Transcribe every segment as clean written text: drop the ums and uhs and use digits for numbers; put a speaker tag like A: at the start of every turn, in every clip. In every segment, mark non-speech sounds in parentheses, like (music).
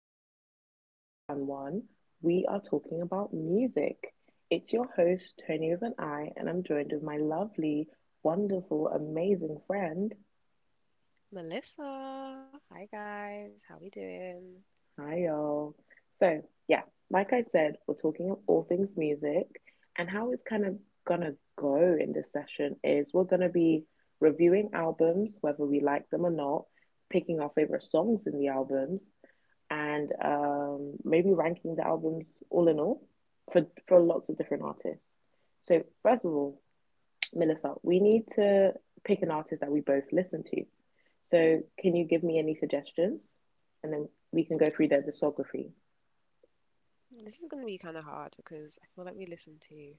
A: Chat. Today's a fun one. We are talking about music. It's your host, Tony with an I, and I'm joined with my lovely, wonderful, amazing friend.
B: Melissa. Hi guys, how we doing?
A: Hi y'all. So, yeah, like I said, we're talking of all things music, and how it's kind of gonna go in this session is we're gonna be reviewing albums, whether we like them or not, picking our favorite songs in the albums and maybe ranking the albums all in all for lots of different artists. So first of all, Melissa, we need to pick an artist that we both listen to. So can you give me any suggestions, and then we can go through their discography.
B: This is going to be kind of hard because I feel like we listen to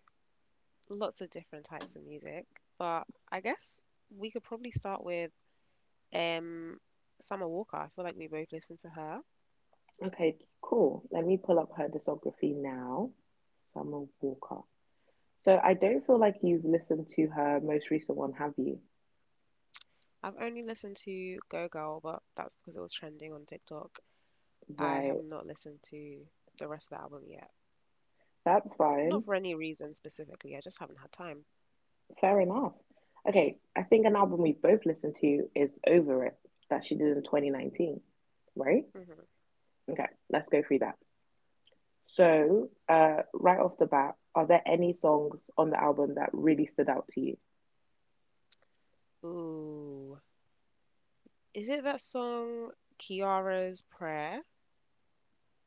B: lots of different types of music, but I guess we could probably start with um Summer Walker. I feel like we both listened to her.
A: Okay, cool. Let me pull up her discography now. Summer Walker. So I don't feel like you've listened to her most recent one, have you?
B: I've only listened to Go Girl, but that's because it was trending on TikTok. I
A: Right.
B: have not listened to the rest of the album yet.
A: That's fine.
B: Not for any reason specifically, I just haven't had time.
A: Fair enough. Okay, I think an album we've both listened to is Over It that she did in 2019, right?
B: Hmm
A: Okay, let's go through that. So, right off the bat, are there any songs on the album that really stood out to you?
B: Ooh. Is it that song Kiara's Prayer?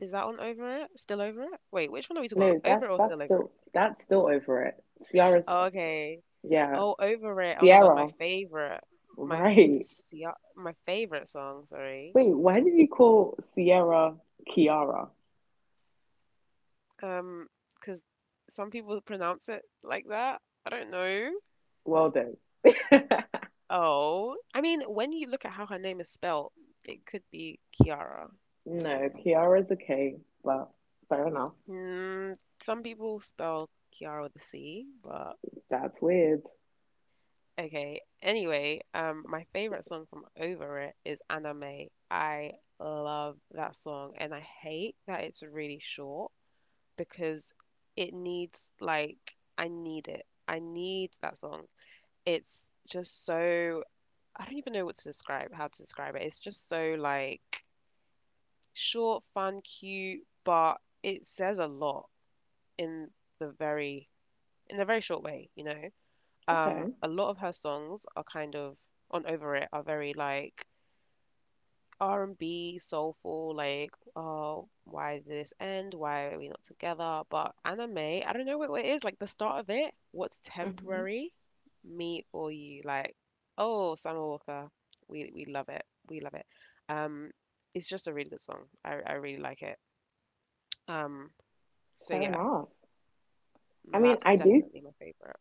B: Is that one Over It? Still Over It? Wait, which one are we talking about?
A: No,
B: Over It
A: that's
B: or
A: that's
B: Still Over It?
A: still that's still Over It. Ciara's,
B: Oh, okay.
A: yeah,
B: Oh, Over It. Oh my God, my
A: Ciara,
B: favorite,
A: (laughs)
B: my f-
A: right?
B: see, uh, my favorite song. Sorry.
A: Wait, why did you call Sierra Kiara?
B: Um, because some people pronounce it like that. I don't know.
A: Well done. (laughs)
B: Oh, I mean, when you look at how her name is spelled, it could be Kiara. So,
A: No, Kiara's a K, but fair enough.
B: mm, some people spell Kiara with a C, but
A: That's weird.
B: okay. Anyway, my favorite song from Over It is Anime. I love that song, and I hate that it's really short because it needs like I need it. I need that song. It's just so, I don't even know what to describe, how to describe it. It's just so like short, fun, cute, but it says a lot in the very in a very short way.
A: Okay.
B: A lot of her songs are kind of on Over It are very like R&B soulful, like, oh, why did this end, why are we not together? But Anime, I don't know what it is, like the start of it, what's
A: Hmm.
B: temporary, me or you? Like, oh, Summer Walker, we love it, we love it. um it's just a really good song. I really like it. um so
A: Fair
B: yeah,
A: enough. I mean,
B: that's
A: I do
B: definitely my favorite.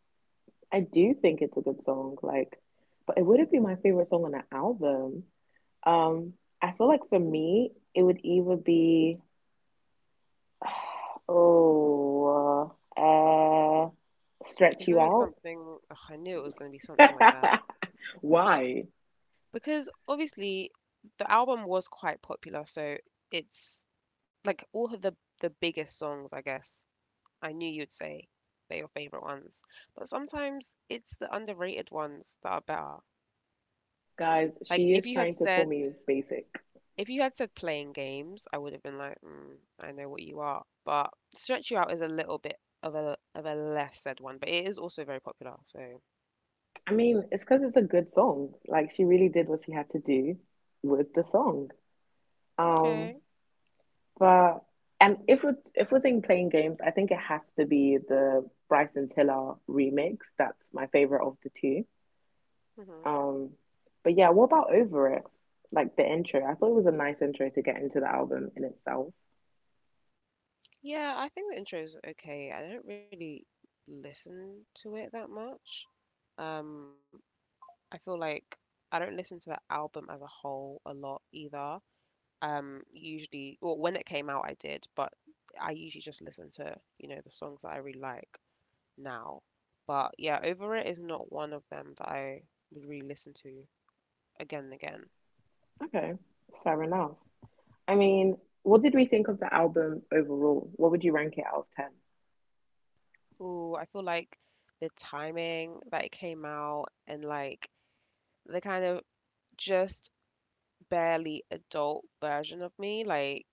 A: I do think it's a good song, like, but it wouldn't be my favorite song on the album. Um, I feel like for me, it would either be (sighs) oh, uh, Stretch
B: It's
A: You
B: gonna be
A: Out.
B: something, ugh, I knew it was gonna be something like that.
A: (laughs) Why?
B: Because obviously the album was quite popular, so it's like all of the biggest songs, I guess. I knew you'd say they're your favorite ones, but sometimes it's the underrated ones that are better.
A: Guys,
B: Like
A: she
B: if
A: is
B: you
A: trying
B: had
A: to call
B: said,
A: me basic.
B: if you had said Playing Games, I would have been like, mm, I know what you are. But Stretch You Out is a little bit of a less said one, but it is also very popular. So
A: I mean, it's because it's a good song. Like, she really did what she had to do with the song. Um,
B: okay.
A: but and if we're saying playing games, I think it has to be the Bryson Tiller remix. That's my favorite of the two.
B: hmm
A: Um, but yeah, what about Over It? Like, the intro, I thought it was a nice intro to get into the album in itself.
B: Yeah, I think the intro is okay. I don't really listen to it that much. Um, I feel like I don't listen to the album as a whole a lot either. Usually, well, when it came out, I did, but I usually just listen to, you know, the songs that I really like now. But yeah, Over It is not one of them that I would really listen to again and again.
A: Okay, fair enough. I mean, what did we think of the album overall? What would you rank it out of 10?
B: Ooh, I feel like the timing that it came out and like the kind of just barely adult version of me, like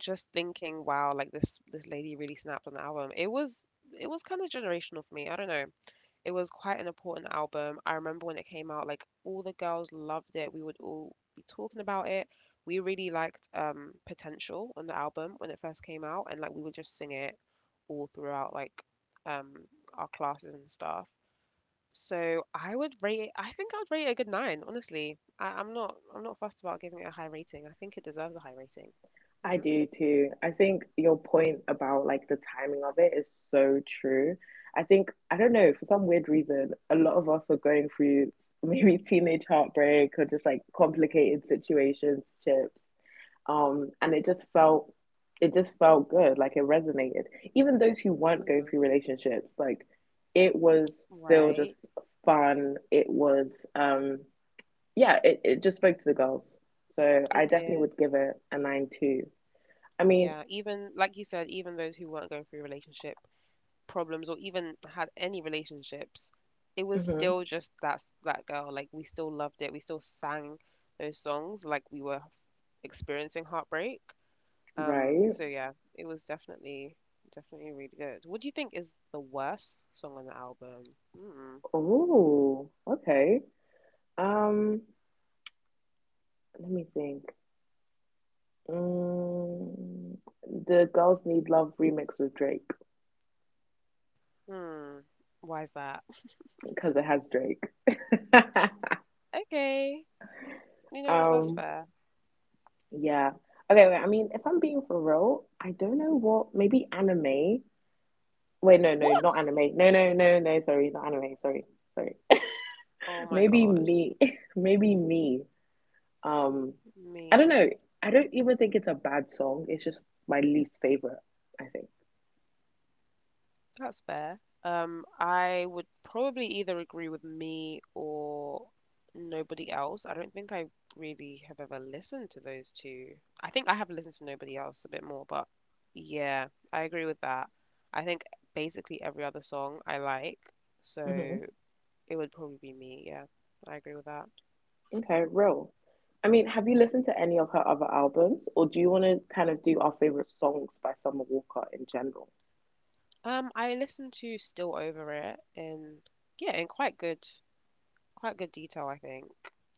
B: just thinking, wow, like this lady really snapped on the album. It was kind of generational for me. I don't know. It was quite an important album. I remember when it came out, like all the girls loved it. We would all be talking about it. We really liked Potential on the album when it first came out, and like we would just sing it all throughout like um our classes and stuff. So I think I would rate it a good nine, honestly. I'm not, I'm not fussed about giving it a high rating. I think it deserves a high rating.
A: I
B: Mhm.
A: do too. I think your point about like the timing of it is so true. I think, I don't know, for some weird reason, a lot of us are going through (laughs) maybe teenage heartbreak or just like complicated situationships. And it just felt, good like it resonated, even those who weren't going
B: Mhm.
A: through relationships, like it was still
B: Right.
A: just fun. It was, um yeah, it just spoke to the girls. So I
B: It
A: definitely
B: did.
A: would give it a 9 too. I mean.
B: Yeah, even like you said, even those who weren't going through relationship problems or even had any relationships, it was
A: Mhm,
B: still just that girl. Like we still loved it. We still sang those songs like we were experiencing heartbreak.
A: right.
B: So yeah, it was definitely definitely really good. What do you think is the worst song on the album? Mm,
A: Oh, okay. um Let me think. mm, the girls need love remix with Drake.
B: hmm. Why is that?
A: Because it has Drake. (laughs)
B: Okay. You know what? That's
A: um
B: fair.
A: Yeah. Okay, wait, I mean, if I'm being for real, I don't know what, maybe Anime. Wait, no, no, not
B: What?
A: Anime. No, no, no, no, sorry, not Anime, sorry, sorry.
B: Oh
A: (laughs)
B: my
A: Maybe
B: gosh.
A: Me, (laughs) maybe Me. Um, I don't
B: Me.
A: know. I don't even think it's a bad song. It's just my least favorite, I think.
B: That's fair. I would probably either agree with me or nobody else. I don't think I really have ever listened to those two. I think I have listened to nobody else a bit more, but yeah, I agree with that. I think basically every other song I like,
A: Hmm.
B: so it would probably be me. Yeah, I agree with that.
A: Okay, real. I mean, have you listened to any of her other albums, or do you want to kind of do our favorite songs by Summer Walker in general?
B: I listened to Still Over It in, yeah, in quite good detail, I think.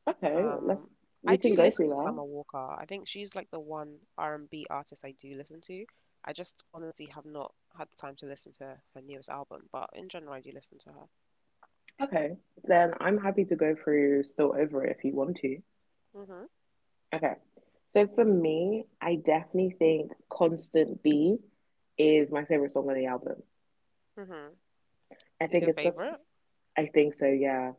A: Okay,
B: Um,
A: we
B: I
A: can
B: do
A: go
B: listen
A: through
B: to
A: that.
B: Summer Walker. I think she's like the one R&B artist I do listen to. I just honestly have not had the time to listen to her newest album, but in general, I do listen to her.
A: Okay, then I'm happy to go through Still Over It if you want to.
B: Mhm.
A: Okay, so for me, I definitely think Constant B is my favorite song on the album.
B: Mhm. Is your
A: I think it's
B: favorite?
A: such, I think so, yeah.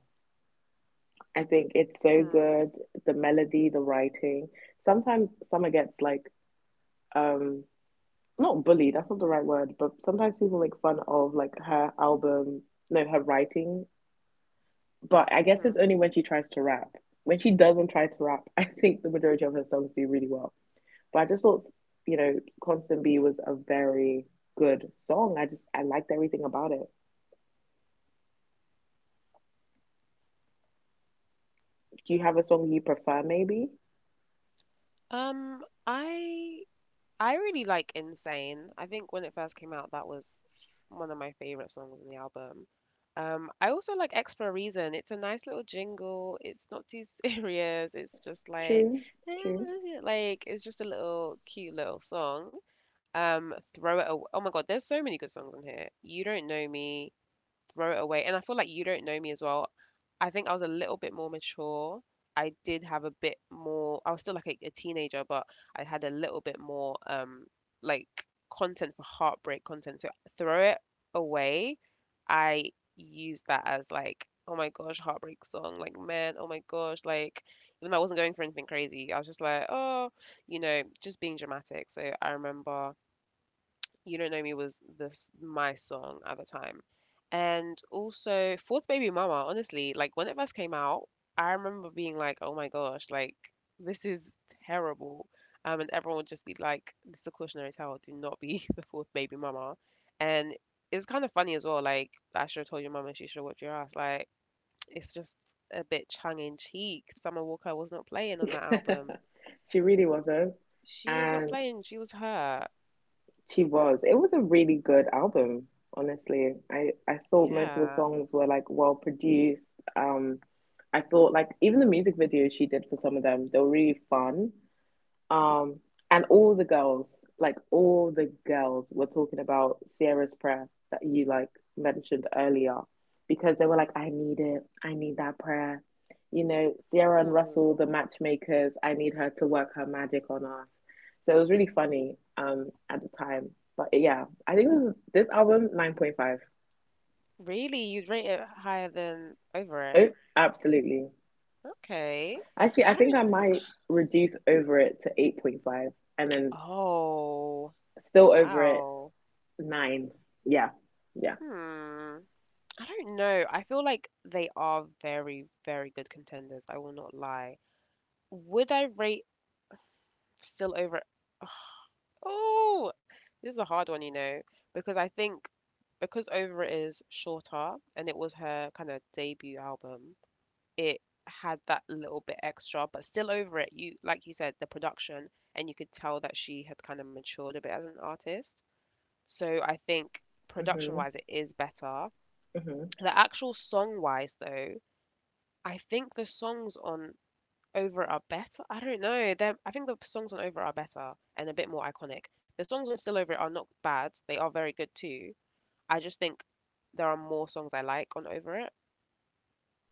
A: I think it's so
B: Hmm.
A: good. The melody, the writing. Sometimes Summer gets like, um, not bullied, that's not the right word, but sometimes people make fun of like her album, no, her writing. But I guess
B: Mhm.
A: it's only when she tries to rap. When she doesn't try to rap, (laughs) I think the majority of her songs do really well. But I just thought, you know, Constant B was a very good song. I just I liked everything about it. Do you have a song you prefer maybe?
B: Um, I I really like Insane. I think when it first came out, that was one of my favorite songs in the album. I also like X for a Reason. It's a nice little jingle. It's not too (laughs) serious. It's just like,
A: True, true.
B: (laughs) like it's just a little cute little song. Throw it away. Oh my God, there's so many good songs on here. You Don't Know Me, throw it away. And I feel like You Don't Know Me as well. I think I was a little bit more mature. I did have a bit more, I was still like a teenager, but I had a little bit more like content for heartbreak content. So throw it away. I used that as like, oh my gosh, heartbreak song. Like, man, oh my gosh, like even though I wasn't going for anything crazy, I was just like, oh, you know, just being dramatic. So I remember You Don't Know Me was this my song at the time. And also Fourth Baby Mama, honestly, like when it first came out, I remember being like, oh my gosh, like this is terrible. And everyone would just be like, this is a cautionary tale, do not be (laughs) the fourth baby mama. And it's kind of funny as well, like I should have told your mum and she should have whipped your ass. Like it's just a bit tongue in cheek. Summer Walker was not playing on that album.
A: (laughs) She really was though.
B: She was not
A: And
B: playing, she was hurt.
A: she was. It was a really good album, honestly. I thought most of the
B: Yeah.
A: songs were like well produced. Um I thought like even the music videos she did for some of them, they were really fun. Um, and all the girls, like all the girls, were talking about Sierra's prayer that you like mentioned earlier, because they were like, "I need it. I need that prayer." You know, Sierra and
B: Hmm.
A: Russell, the matchmakers. I need her to work her magic on us. So it was really funny, at the time. But yeah, I think this album 9.5.
B: Really? You'd rate it higher than Over It?
A: Oh, absolutely.
B: Okay.
A: Actually,
B: I
A: I think I
B: don't.
A: might reduce Over It to 8.5, and then
B: Oh,
A: Still Over It.
B: wow.
A: 9. Yeah. Yeah.
B: Hmm. I don't know. I feel like they are very, very good contenders. I will not lie. Would I rate Still Over It? Oh, this is a hard one, you know, because I think because Over It is shorter and it was her kind of debut album. It had that little bit extra, but Still Over It, you, like you said, the production, and you could tell that she had kind of matured a bit as an artist. So I think production
A: Hmm.
B: wise, it is better.
A: Hmm.
B: The actual song wise, though, I think the songs on Over It are better. I don't know. I think the songs on Over It are better and a bit more iconic. The songs on Still Over It are not bad. They are very good too. I just think there are more songs I like on Over It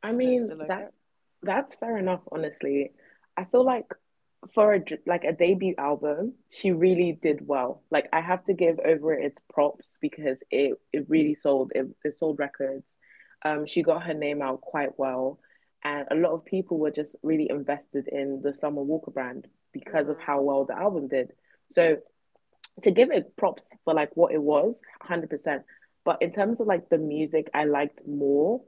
A: I
B: than
A: mean
B: Still Over
A: that
B: It.
A: that's fair enough, honestly. I feel like for like a debut album, she really did well. Like, I have to give
B: Mm.
A: Over It its props because it really sold. It sold records. She got her name out quite well, and a lot of people were just really invested in the Summer Walker brand because of
B: hmm
A: how well the album did. So, to give it props for like what it was, 100%. But in terms of like the music I liked more,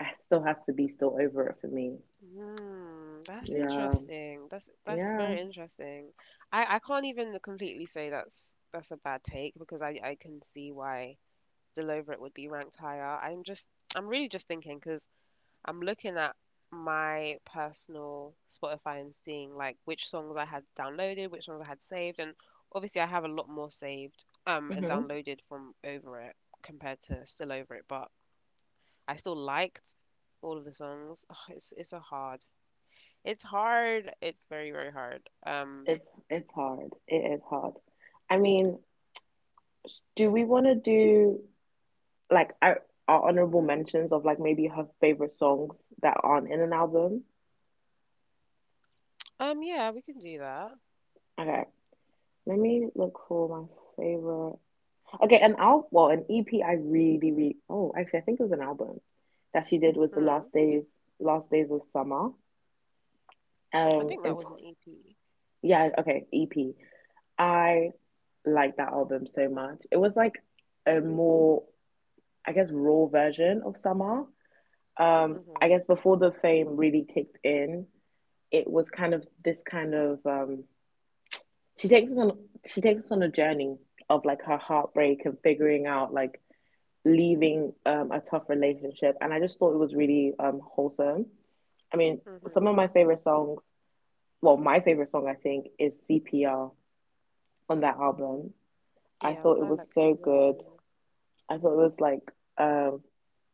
A: it still has to be Still Over It for me.
B: Mm, that's
A: Yeah,
B: interesting. That's
A: yeah.
B: very interesting. I can't even completely say that's a bad take because I can see why Delovrit would be ranked higher. I'm really just thinking because I'm looking at my personal Spotify and seeing like which songs I had downloaded, which songs I had saved, and obviously I have a lot more saved and
A: Hmm.
B: downloaded from Over It compared to Still Over It, but I still liked all of the songs. (sighs) It's a hard, it's hard. It's very, very hard.
A: It's hard. It is hard. I mean, do we want to do like our honorable mentions of like maybe her favorite songs that aren't in an album?
B: Yeah, we can do that.
A: Okay, let me look for my favorite. Okay, an album, well, an EP I really, really, oh, actually, I think it was an album that she did was the
B: Hmm.
A: Last Days of Summer.
B: I think that was an
A: And t
B: EP.
A: yeah, okay, EP. I like that album so much. It was like a more, I guess, raw version of Summer.
B: Mhm.
A: I guess before the fame really kicked in, it was kind of this kind of, she takes us on, she takes us on a journey of like her heartbreak and figuring out like leaving, a tough relationship. And I just thought it was really, wholesome. I mean,
B: Mhm.
A: some of my favorite songs, well, my favorite song, I think, is CPR on that album. I
B: Yeah,
A: thought
B: I
A: it
B: like
A: was so
B: CPR
A: good.
B: too.
A: I thought it was like, um,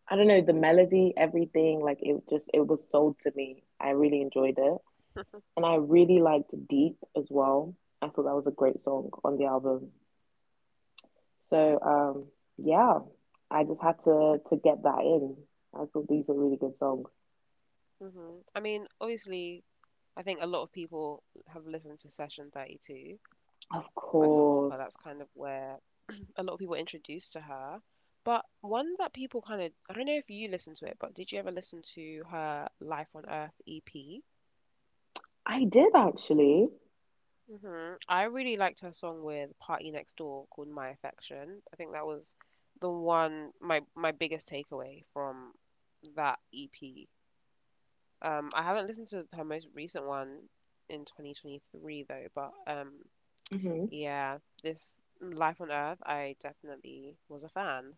A: I don't know, the melody, everything, like it just, it was sold to me. I really enjoyed it. And I really liked Deep as well. I thought that was a great song on the album. So, yeah, I just had to get that in. I thought these were really good songs.
B: Mhm. I mean, obviously, I think a lot of people have listened to Session 32
A: Of
B: by Summer Walker. That's
A: course.
B: kind of where a lot of people were introduced to her. But one that people kind of, I don't know if you listened to it, but did you ever listen to her Life on Earth EP?
A: I did actually.
B: Hmm I really liked her song with Party Next Door called My Affection. I think that was the one, my biggest takeaway from that EP. I haven't listened to her most recent one in 2023 though, but
A: Hmm.
B: yeah, this Life on Earth, I definitely was a fan.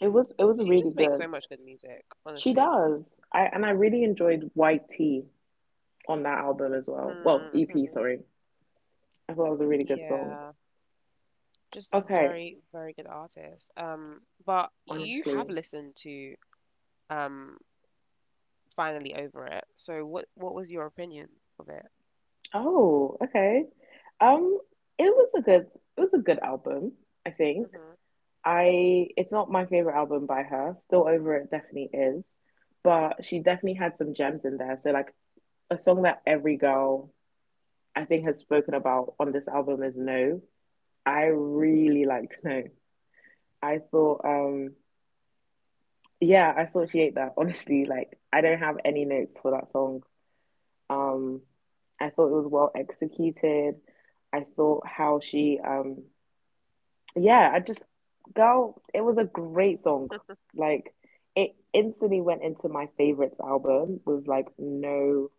A: It was
B: She
A: really
B: just makes
A: good.
B: so much good music,
A: She
B: honestly.
A: does. I really enjoyed White Tea on that album as well. Well, EP,
B: Mm-hmm.
A: sorry. I thought it was a really good song.
B: Yeah, just a
A: Okay,
B: very, very good artist. But you
A: honestly.
B: have listened to um Finally Over It. So what was your opinion of it?
A: Oh, okay. Um, it was a good album, I think.
B: Mhm.
A: I It's not my favorite album by her. Still Over It definitely is. But she definitely had some gems in there. So like, a song that every girl I think has spoken about on this album is No. I really liked No. I thought, yeah, I thought she ate that. (laughs) Honestly, like, I don't have any notes for that song. Um, I thought it was well executed. I thought how she, yeah, I just, girl, it was a great song. Like, it instantly went into my favorites album with like no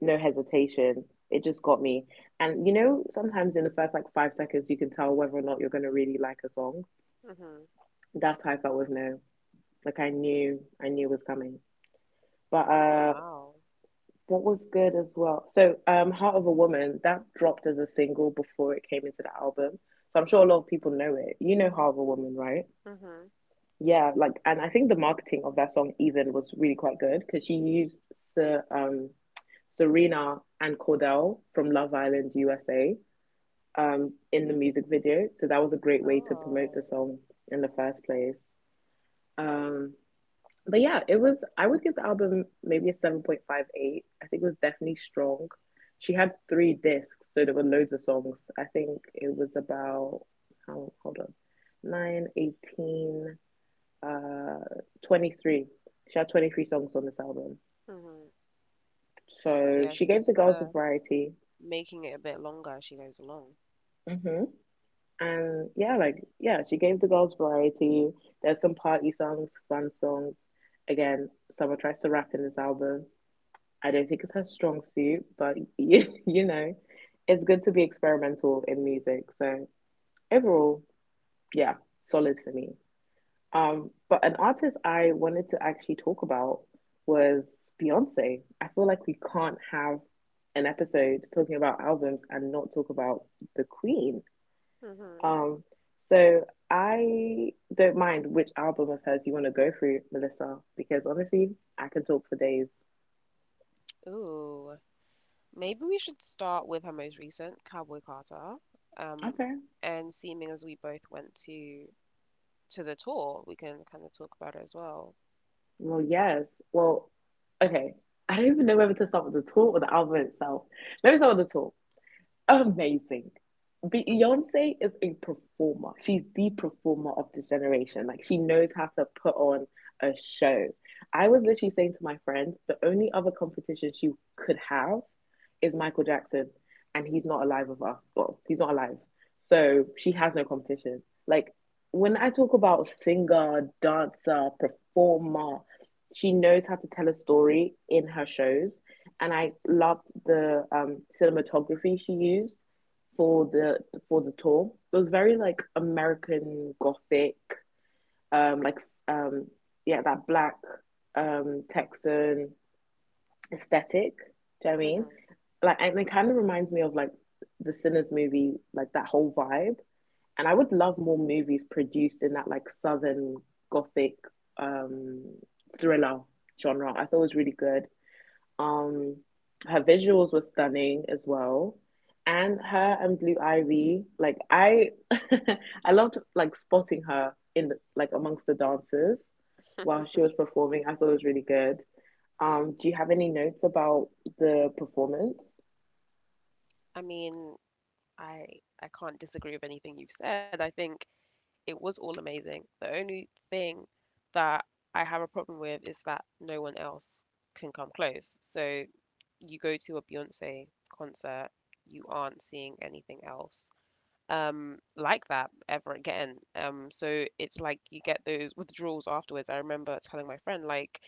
A: no hesitation. It just got me. And you know, sometimes in the first like 5 seconds, you can tell whether or not you're gonna really like a song.
B: Mhm. (laughs)
A: That's how I felt with No. Like, I knew it was coming. But,
B: Wow.
A: what was good as well? So, Heart of a Woman that dropped as a single before it came into the album. So, I'm sure a lot of people know it. You know Heart of a Woman, right?
B: Mhm.
A: Yeah, like, and I think the marketing of that song even was really quite good because she used Ser um, Serena and Cordell from Love Island USA, in the music video. So that was a great way to promote the
B: Oh.
A: song in the first place. Um, but yeah, it was, I would give the album maybe a 7.58. I think it was definitely strong. She had three discs, so there were loads of songs. I think it was about, how, hold on, 9, 18. uh, 23. She had 23 songs on this album.
B: Mhm.
A: So
B: Yeah,
A: she
B: so
A: gave
B: she's
A: the
B: kind
A: girls a
B: of
A: variety.
B: making it a bit longer as she goes along.
A: Mm-hmm. And yeah, like, yeah, she gave the girls variety. There's some party songs, fun songs. Again, Summer tries to rap in this album. I don't think it's her strong suit, but (laughs) it's good to be experimental in music. So overall, yeah, solid for me. But an artist I wanted to actually talk about was Beyonce. I feel like we can't have an episode talking about albums and not talk about the Queen.
B: Mhm.
A: Um, so I don't mind which album of hers you want to go through, Melissa, because honestly, I can talk for days.
B: Ooh. Maybe we should start with her most recent, Cowboy Carter. Um,
A: Okay.
B: and seeming as we both went to the tour, we can kind of talk about it as well.
A: Well, yes. Well, okay. I don't even know whether to start with the tour or the album itself. Let me start with the tour. Amazing. Beyonce is a performer. She's the performer of this generation. Like she knows how to put on a show. I was literally saying to my friend, the only other competition she could have is Michael Jackson, and he's not alive with us. Well, he's not alive, so
B: Mhm.
A: she has no competition. Like when I talk about singer, dancer, performer, she knows how to tell a story in her shows, and I loved the cinematography she used for the for the tour. It was very like American Gothic, um, like um, yeah, that black Texan aesthetic. Do you know what I mean?
B: Mhm.
A: Like, and it kind of reminds me of like the Sinners movie, like that whole vibe. And I would love more movies produced in that like Southern Gothic um thriller genre. I thought it was really good. Um, Her visuals were stunning as well. And her and Blue Ivy, like I (laughs) I loved like spotting her in the, like amongst the dancers while she was performing. I thought it was really good. Do you have any notes about the performance?
B: I mean, I I can't disagree with anything you've said. I think it was all amazing. The only thing that I have a problem with is that no one else can come close. So you go to a Beyonce concert, you aren't seeing anything else like that ever again. So it's like you get those withdrawals afterwards. I remember telling my friend like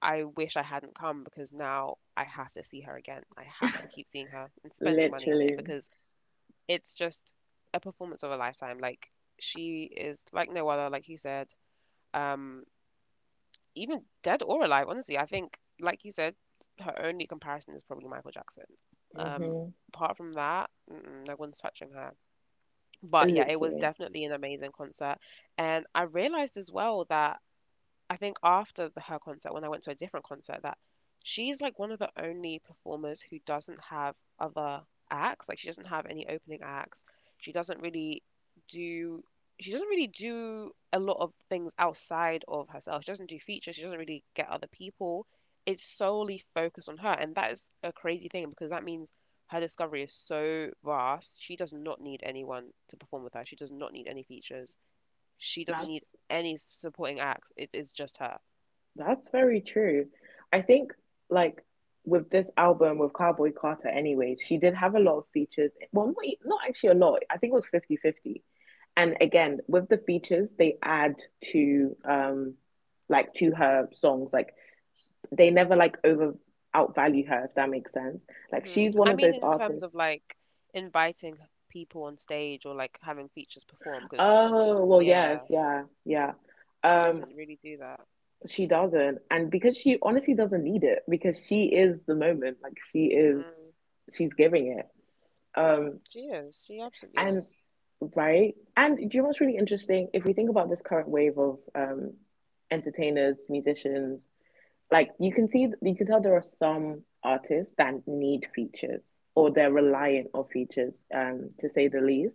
B: I wish I hadn't come because now I have to see her again. I have to keep seeing her and spending money on it
A: Literally.
B: because it's just a performance of a lifetime. Like she is like no other, like you said, um, even dead or alive. Honestly, I think, like you said, her only comparison is probably Michael Jackson. Um,
A: Mm-hmm.
B: apart from that, mm-mm, no one's touching her. But yeah, it was
A: Literally.
B: definitely an amazing concert, and I realized as well that I think after her concert, when I went to a different concert, that she's like one of the only performers who doesn't have other acts. Like she doesn't have any opening acts. She doesn't really do. She doesn't really do a lot of things outside of herself. She doesn't do features. She doesn't really get other people. It's solely focused on her, and that is a crazy thing because that means her discovery is so vast. She does not need anyone to perform with her. She does not need any features she doesn't
A: That's
B: need any supporting acts. It is just her.
A: That's very true. I think like with this album with Cowboy Carter anyways, she did have a lot of features. Well, not actually a lot. I think it was 50 50. And again, with the features, they add to like to her songs. Like they never like over outvalue her, if that makes sense. Like
B: Hmm.
A: she's one of
B: I
A: those
B: mean, in
A: artists.
B: terms of like inviting people on stage or like having features perform, because
A: Oh, well, yes,
B: yeah,
A: yeah, yeah.
B: she
A: Um.
B: doesn't really do that.
A: She doesn't. And because she honestly doesn't need it because she is the moment. Like
B: Mm.
A: she's giving it. Um
B: She is. She absolutely
A: and
B: is.
A: Right? And do you know what's really interesting? If we think about this current wave of entertainers, musicians, like you can tell there are some artists that need features or they're reliant
B: Mm.
A: on features, to say the least.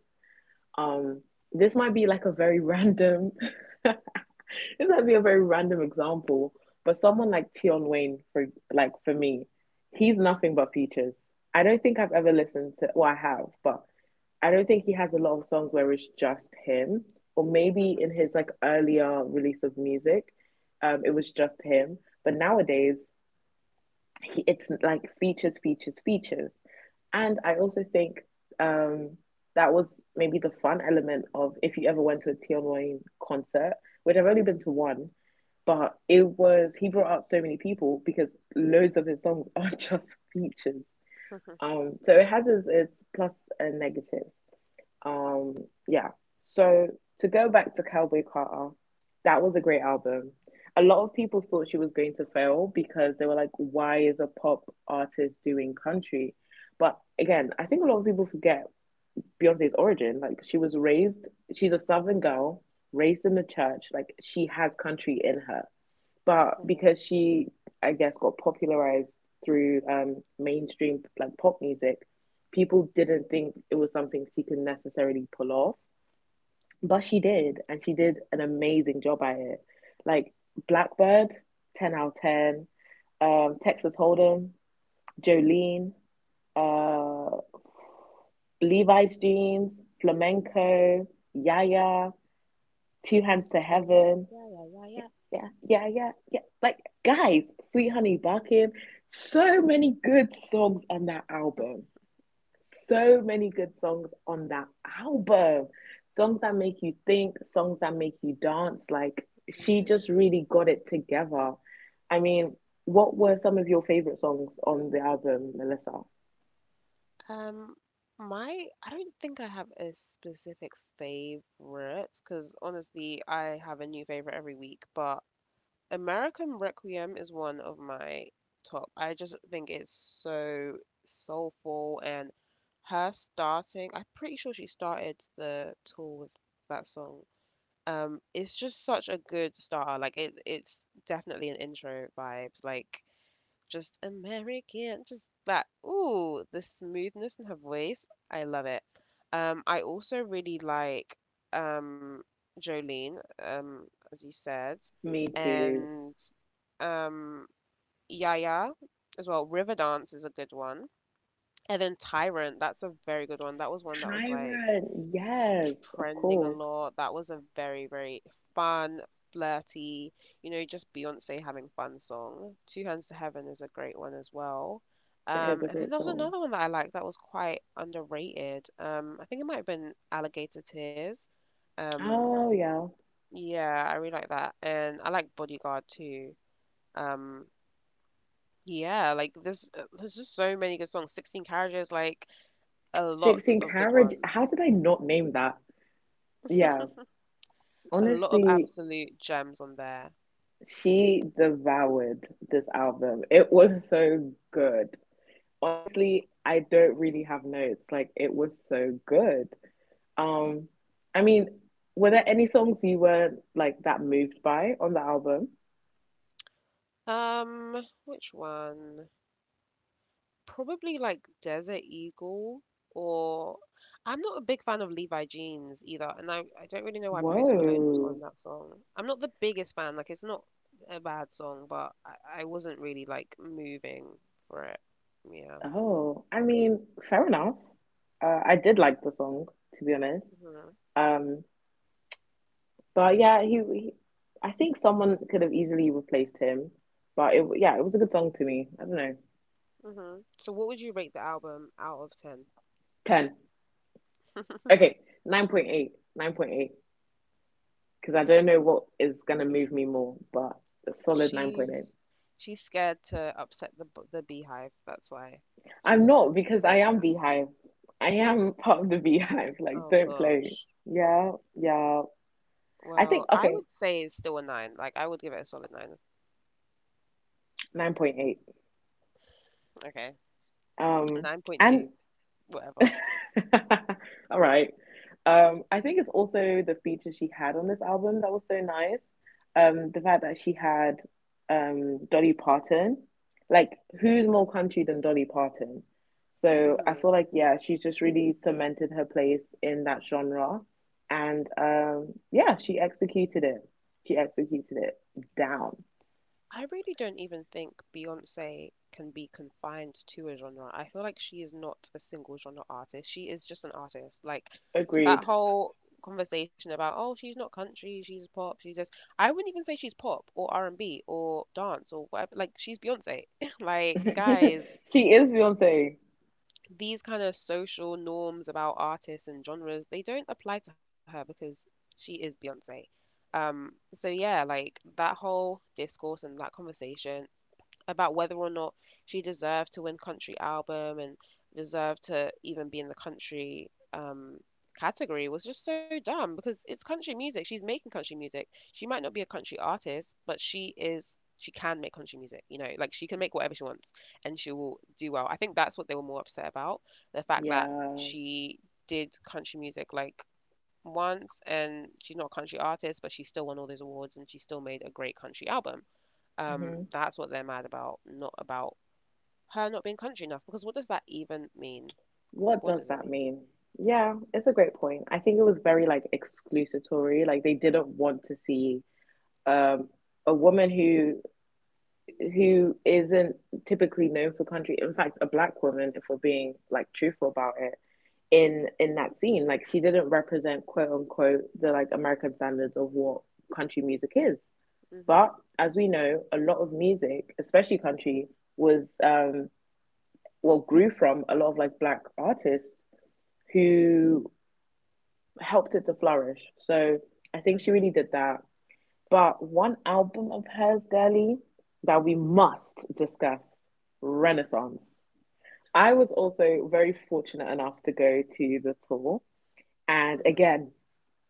A: Um, this might be like a very random, (laughs) this might be a very random example, but someone like Tion Wayne, for me, he's nothing but features. I don't think I've ever listened to, well, I have, but I don't think he has a lot of songs where it's just him, or maybe in his
B: Mm-hmm.
A: like earlier release of music, it was just him. But nowadays, it's like features, features, features. And I also think um, that was maybe the fun element of if you ever went to a Tion Wayne concert, which I've only been to one, but it was he brought out so many people because loads of his songs (laughs) are just features.
B: Mm-hmm. (laughs)
A: So it has its plus and negatives. Um, yeah. So to go back to Cowboy Carter, that was a great album. A lot of people thought she was going to fail because they were like, why is a pop artist doing country? But again, I think a lot of people forget Beyonce's origin. She's a Southern girl, raised in the church. Like she has country in her, but
B: Mm-hmm.
A: because she I guess got popularized through mainstream like pop music, people didn't think it was something she could necessarily pull off, but she did, and she did an amazing job at it. Like, Blackbird, 10 out of 10. Um, Texas Hold'em, Jolene, uh Levi's Jeans, Flamenco, Yaya, Two Hands to
B: Yeah, yeah,
A: Heaven.
B: yeah, yeah, yeah,
A: Yeah, yeah, yeah, yeah, yeah. Like, guys, Sweet Honey Barking, so many good songs on that album. So many good songs on that album. Songs that make you think, songs that make you dance. Like she
B: yeah.
A: just really got it together. I mean, what were some of your favorite songs on the album, Melissa?
B: Mm-hmm. I don't think I have a specific favorite because honestly, I have a new favorite every week, but American Requiem is one of my top. I just think it's so soulful and her starting, I'm pretty sure she started the tour with that song. It's just such a good starter. Like it's definitely an intro vibes. Like just American, just that. Ooh, the smoothness in her voice. I love it. I also really like um Jolene, as you said,
A: Me too.
B: and um Yaya as well. River Dance is a good one. And then Tyrant, that's a very good one. That was one that was like
A: Tyrant, yes, of
B: trending a
A: course.
B: lot. That was a very, very fun, flirty, you know, just Beyonce having fun song. Two Hands to Heaven is a great one as well.
A: It is a
B: And then
A: great
B: there was
A: song.
B: another one that I liked that was quite underrated. I think it might have been Alligator Tears. Um,
A: Oh yeah.
B: yeah, I really like that, and I like Bodyguard too. Um, yeah, like there's just so many good songs. 16 Carriages, like a lot
A: 16
B: of good
A: Carriage. How
B: ones,
A: did I not name that? Yeah.
B: a lot of
A: Honestly,
B: absolute gems on there.
A: she devoured this album. It was so good. Honestly, I don't really have notes. Like it was so good. Um, I mean, were there any songs you were like that moved by on the album?
B: Which one? Probably like Desert Eagle or I'm not a big fan of Levi Jeans either, and I don't really know why Post Malone was on
A: Whoa.
B: that song. I'm not the biggest fan, like it's not a bad song, but I wasn't really like moving for it. Yeah.
A: Oh, I mean, fair enough. I did like the song, to be honest.
B: Hmm.
A: Um, But yeah, he, I think someone could have easily replaced him. Yeah, it was a good song to me. I don't know.
B: Hmm. So what would you rate the album out of 10?
A: 10.
B: (laughs)
A: Okay, 9.8. 9.8. Because I don't know what is going to move me more, but a solid 9.8.
B: She's she's scared to upset the the beehive. That's why
A: I'm
B: she's
A: not because I
B: saying
A: am
B: that.
A: Beehive. I am (laughs) part of the Beehive. Like,
B: Oh
A: don't play.
B: gosh.
A: Yeah, yeah. I
B: Well,
A: think,
B: I
A: okay,
B: would say it's still a nine. Like I would give it a solid nine.
A: 9.8.
B: Okay,
A: Um,
B: nine point
A: and
B: two, whatever.
A: (laughs) All right. I think it's also the feature she had on this album that was so nice. The fact that she had Dolly Parton, like who's more country than Dolly Parton? So I
B: Hmm.
A: feel like yeah, she's just really cemented her place in that genre, and yeah, she executed it. She executed it down.
B: I really don't even think Beyonce can be confined to a genre. I feel like she is not a single genre artist. She is just an artist. Like that
A: Agreed.
B: whole conversation about oh she's not country, she's pop, she's this. I wouldn't even say she's pop or R and B or dance or whatever. Like she's Beyonce. (laughs) Like guys.
A: (laughs) She is Beyonce.
B: These kind of social norms about artists and genres, they don't apply to her because she is Beyonce. So yeah, like that whole discourse and that conversation, about whether or not she deserved to win country album and deserved to even be in the country category was just so dumb because it's country music. She's making country music. She might not be a country artist, but she is she can make country music, you know, like she can make whatever she wants and she will do well. I think that's what they were more upset about, the fact that
A: Yeah.
B: she did country music like once and she's not a country artist, but she still won all those awards and she still made a great country album.
A: Mhm.
B: That's what they're mad about, not about her not being country enough. Because what does that even mean?
A: What
B: What
A: does
B: does it
A: that
B: mean?
A: mean? Yeah, it's a great point. I think it was very like exclusatory. Like they didn't want to see um a woman who isn't typically known for country. In fact, a black woman, if we're being like truthful about it, in that scene. Like she didn't represent quote unquote the like American standards of what country music is. But
B: Mhm,
A: as we know, a lot of music, especially country, was well grew from a lot of like black artists who helped it to flourish. So I think she really
B: mhm,
A: did that. But one album of hers, girly, that we must discuss: Renaissance. I was also very fortunate enough to go to the tour. And
B: mhm.
A: again,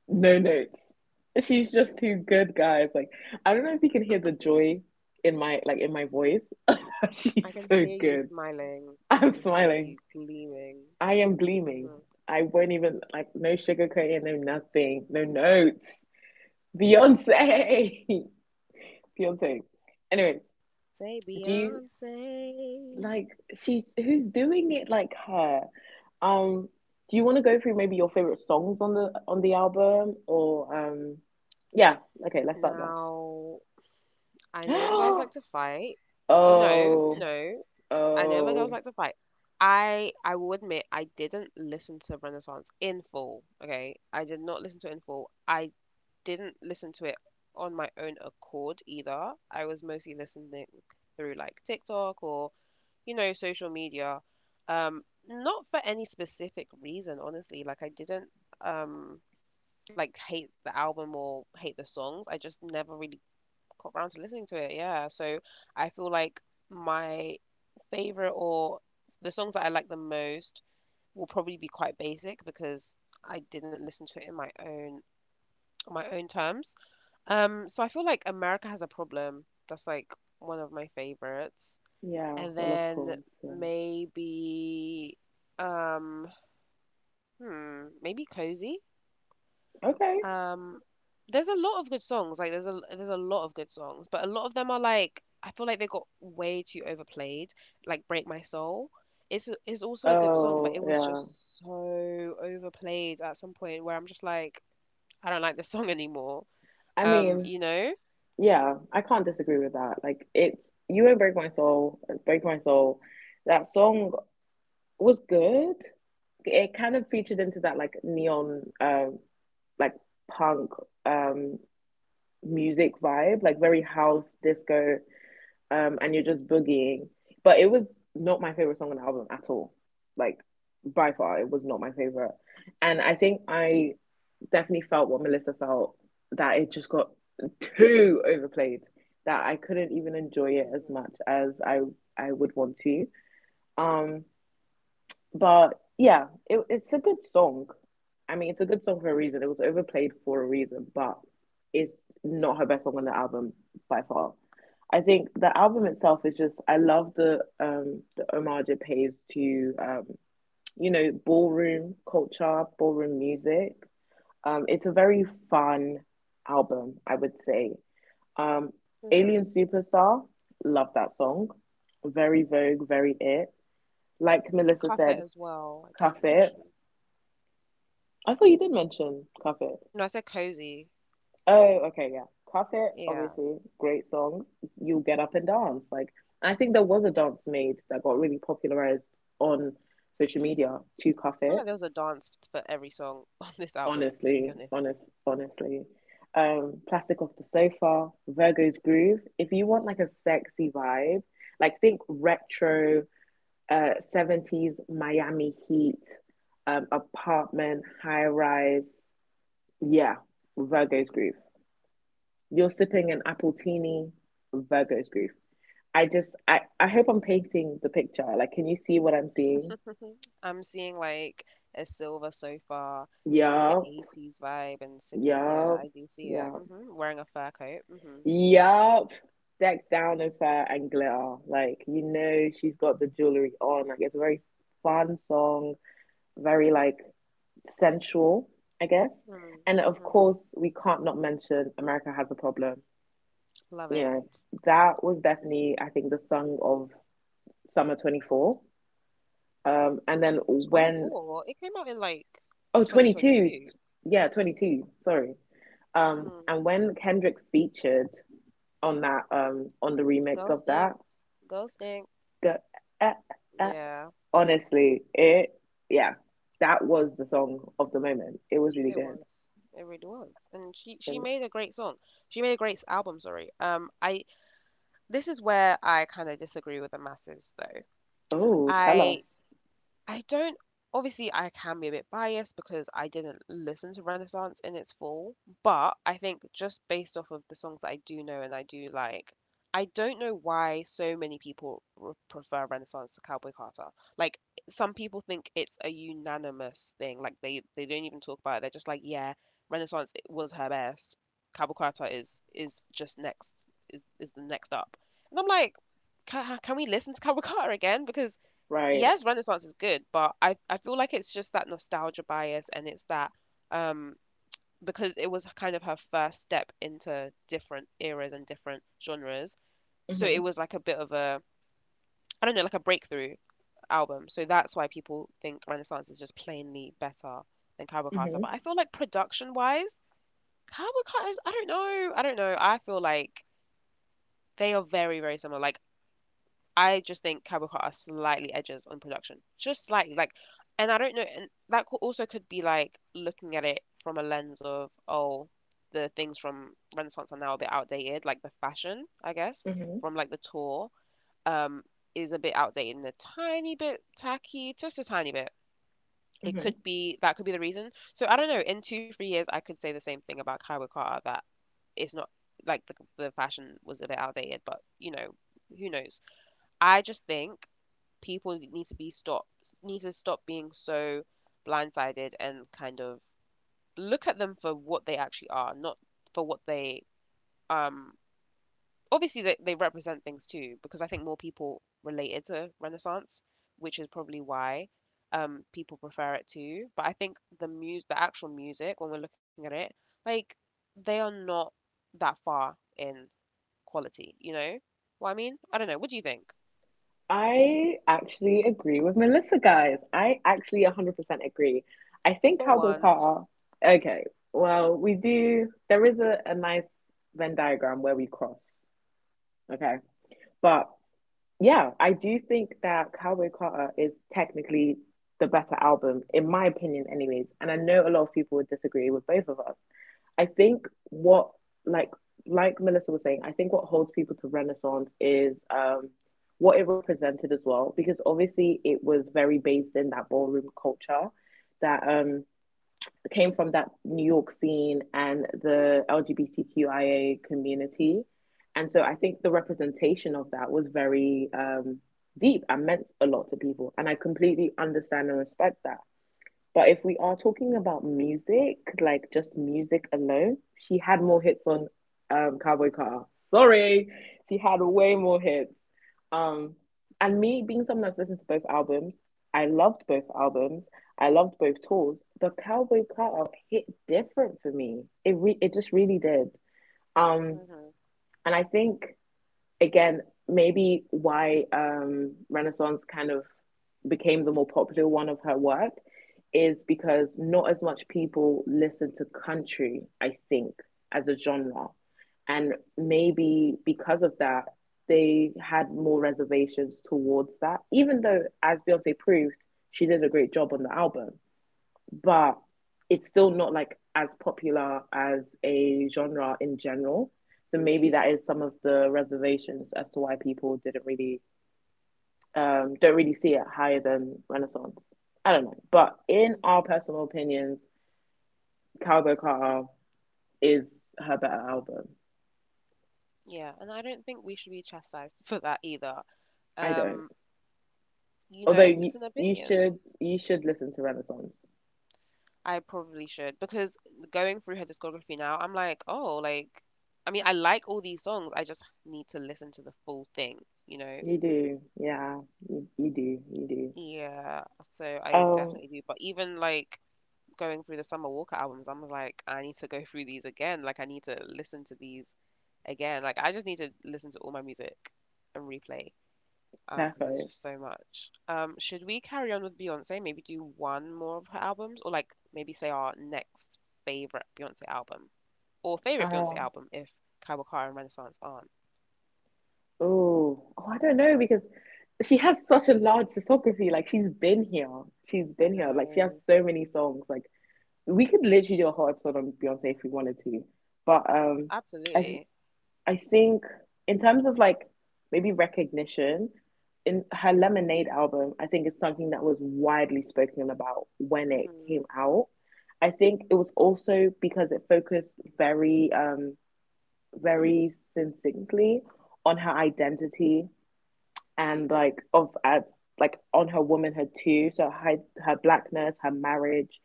A: no notes. (laughs) She's just too good, guys. Like, I don't know if you can hear the joy in my voice. (laughs)
B: I
A: She's
B: can
A: so
B: hear you
A: good.
B: smiling. I
A: I'm
B: can hear
A: smiling.
B: you gleaming.
A: I am gleaming.
B: Mhm.
A: I won't even like, no sugarcoating, no nothing, no notes. Beyonce. (laughs) Beyonce. Anyway,
B: Say
A: do you
B: Beyonce.
A: like she's who's doing it like her? Um, do you want to go through maybe your favorite songs on the album or yeah, okay, let's start there.
B: Now, I know the girls like to
A: (gasps)
B: fight. Oh, no,
A: Oh,
B: no, I know the girls
A: oh,
B: like to fight. I will admit I didn't listen to Renaissance in full. Okay, I did not listen to it in full. I didn't listen to it on my own accord either. I was mostly listening through like TikTok or, you know, social media. Not for any specific reason, honestly. Like I didn't um like hate the album or hate the songs. I just never really got around to listening to it. Yeah. So I feel like my favorite or the songs that I like the most will probably be quite basic because I didn't listen to it in my own on my own terms. So I feel like America Has a Problem. That's like one of my favorites.
A: yeah,
B: And
A: well of
B: then
A: course. Yeah.
B: maybe um maybe Cozy.
A: Okay.
B: Um there's a lot of good songs. Like there's a lot of good songs, but a lot of them are like I feel like they got way too overplayed. Like Break My Soul. It's also a good song, but
A: Oh,
B: it was
A: yeah.
B: just so overplayed at some point where I'm just like I don't like this song (laughs) anymore.
A: I mean,
B: You know?
A: yeah, I can't disagree with that. Like it's You Won't Break My Soul, Break My Soul. That song was good. It kind of featured into that like neon, like punk um, music vibe, like very house disco, and you're just boogieing. But it was not my favorite song on the album at all. Like by far, it was not my favorite. And I think I definitely felt what Melissa felt that it just got too overplayed. That I couldn't even enjoy it as much
B: Hmm.
A: as I would want to. Um, but yeah, it's a good song. I mean, it's a good song for a reason. It was overplayed for a reason, but it's not her best song on the album by far. I think the album itself is just I love the homage it pays to you know ballroom culture, ballroom music. It's a very fun album, I would say. Um,
B: Hmm.
A: Alien Superstar, love that song. Very Vogue, very it. Like Melissa
B: Carpet
A: said,
B: as well, I didn't
A: cuff it.
B: mention.
A: I thought you did mention Cuff It.
B: No, I said cozy.
A: Oh, okay, yeah. Cuff It,
B: Yeah. I
A: obviously, great song. You'll get up and dance. Like, I think there was a dance made that got really popularized on social media to Cuff
B: feel
A: It.
B: like there was a dance for every song (laughs) on this album, to be
A: Honestly,
B: honest.
A: honest, honestly. Plastic Off the Sofa, Virgo's Groove. If you want like a sexy vibe, like think retro, 70s Miami Heat, apartment, high rise. Yeah, Virgo's Groove. You're sipping an Appletini, Virgo's grief. I hope I'm painting the picture. Like, can you see what I'm seeing?
B: (laughs) I'm seeing like a silver sofa and like an
A: Yup,
B: 80s vibe and sipping. Yeah,
A: yup,
B: I do see it.
A: yup,
B: Hmm. Wearing a fur coat. Hmm.
A: yup. Decked down in fur and glitter. Like, you know, she's got the jewelry on. Like, it's a very fun song, very like sensual, I guess.
B: Hmm.
A: And of
B: Hmm.
A: course, we can't not mention America Has a Problem.
B: Love
A: You
B: it.
A: know, that was definitely, I think, the song of summer 24. Um, and then when,
B: 24? It came out in like
A: oh 22.
B: 2022.
A: Yeah, 22. Sorry.
B: Hmm.
A: And when Kendrick featured on that, on the remix
B: Girls
A: of that,
B: Stink. Girls Stink.
A: the, eh, eh,
B: Yeah.
A: honestly, yeah, that was the song of the moment. It was really
B: It
A: good.
B: was. It really was. And she
A: And,
B: made a great song. She made a great album, sorry. I this is where I kind of disagree with the masses though.
A: oh, tell us.
B: I I don't obviously, I can be a bit biased because I didn't listen to Renaissance in its full, but I think just based off of the songs that I do know and I do like, I don't know why so many people r prefer Renaissance to Cowboy Carter. Like some people think it's a unanimous thing. Like they don't even talk about it. They're just like, yeah, Renaissance was her best. Cowboy Carter is just next is the next up. And I'm like, can we listen to Cowboy Carter again? Because
A: Right.
B: yes, Renaissance is good, but I feel like it's just that nostalgia bias and it's that um because it was kind of her first step into different eras and different genres. So it
A: Mm-hmm,
B: was like a bit of a I don't know, like a breakthrough album. So that's why people think Renaissance is just plainly better than Cavalcata.
A: mm-hmm,
B: But I feel like production wise, Cavalcata is I don't know. I don't know. I feel like they are very, very similar. Like I just think Cowboy Carter slightly edges on production, just slightly. Like, and I don't know, and that could also could be like looking at it from a lens of, oh, the things from Renaissance are now a bit outdated. Like the fashion, I guess,
A: mm-hmm,
B: from like the tour, um, is a bit outdated and a tiny bit tacky, just a tiny bit. It
A: mm-hmm.
B: could be that could be the reason. So I don't know. In two, 3 years, I could say the same thing about Cowboy Carter that it's not like the fashion was a bit outdated, but you know, who knows? I just think people need to stop being so blindsided and kind of look at them for what they actually are, not for what they um obviously they, they represent things too, because I think more people related to Renaissance, which is probably why people prefer it too. But I think the music, the actual music when we're looking at it, like they are not that far in quality, you know? What I mean? I don't know. What do you think?
A: I actually agree with Melissa, guys. I actually 100% agree. I
B: For
A: think Cowboy
B: once.
A: Carter, okay, well, we do, there is a nice Venn diagram where we cross, okay? But yeah, I do think that Cowboy Carter is technically the better album, in my opinion, anyways. And I know a lot of people would disagree with both of us. I think what like like Melissa was saying, I think what holds people to Renaissance is what it represented as well, because obviously it was very based in that ballroom culture that came from that New York scene and the LGBTQIA community. And so I think the representation of that was very deep and meant a lot to people. And I completely understand and respect that. But if we are talking about music, like just music alone, she had more hits on Cowboy Carter. Sorry, she had way more hits. Um, and me being someone that's listened to both albums, I loved both albums. I loved both tours, but Cowboy Carter hit different for me. It just really did. Um,
B: hmm
A: and I think again, maybe why Renaissance kind of became the more popular one of her work is because not as much people listen to country, I think, as a genre. And maybe because of that, they had more reservations towards that, even though, as Beyonce proved, she did a great job on the album, but it's still not like as popular as a genre in general. So maybe that is some of the reservations as to why people didn't really don't really see it higher than Renaissance. I don't know, but in our
B: hmm
A: personal opinions, Cowboy Carter is her better album.
B: Yeah, and I don't think we should be chastised for that either.
A: I don't.
B: Um, you
A: Although
B: know,
A: you
B: it's an
A: you
B: opinion.
A: should you should listen to Renaissance.
B: I probably should because going through her discography now, I'm like, I mean, I like all these songs. I just need to listen to the full thing, you know?
A: You do, yeah, you do, you
B: Yeah, so
A: do.
B: I definitely do. But even going through the Summer Walker albums, I'm like, I need to go through these again. Like, I need to listen to these again. Like, I just need to listen to all my music and replay. Because
A: Tafo.
B: there's just so much. Should we carry on with Beyonce? Maybe do one more of her albums, or like maybe say our next favorite Beyonce album, or favorite Beyonce
A: Uh,
B: album if Kai Wakara and Renaissance aren't.
A: Oh, oh, I don't know because she has such a large discography. Like she's been here, she's
B: I
A: been here. Like she has
B: know,
A: so many songs. Like we could literally do a whole episode on Beyonce if we wanted to. But I th-
B: absolutely.
A: I think in terms of like maybe recognition in her Lemonade album, I think it's something that was widely spoken about when it came
B: Mhm.
A: out. I think it was also because it focused very um very succinctly on her identity and like of as like on her womanhood too, so her blackness, her marriage,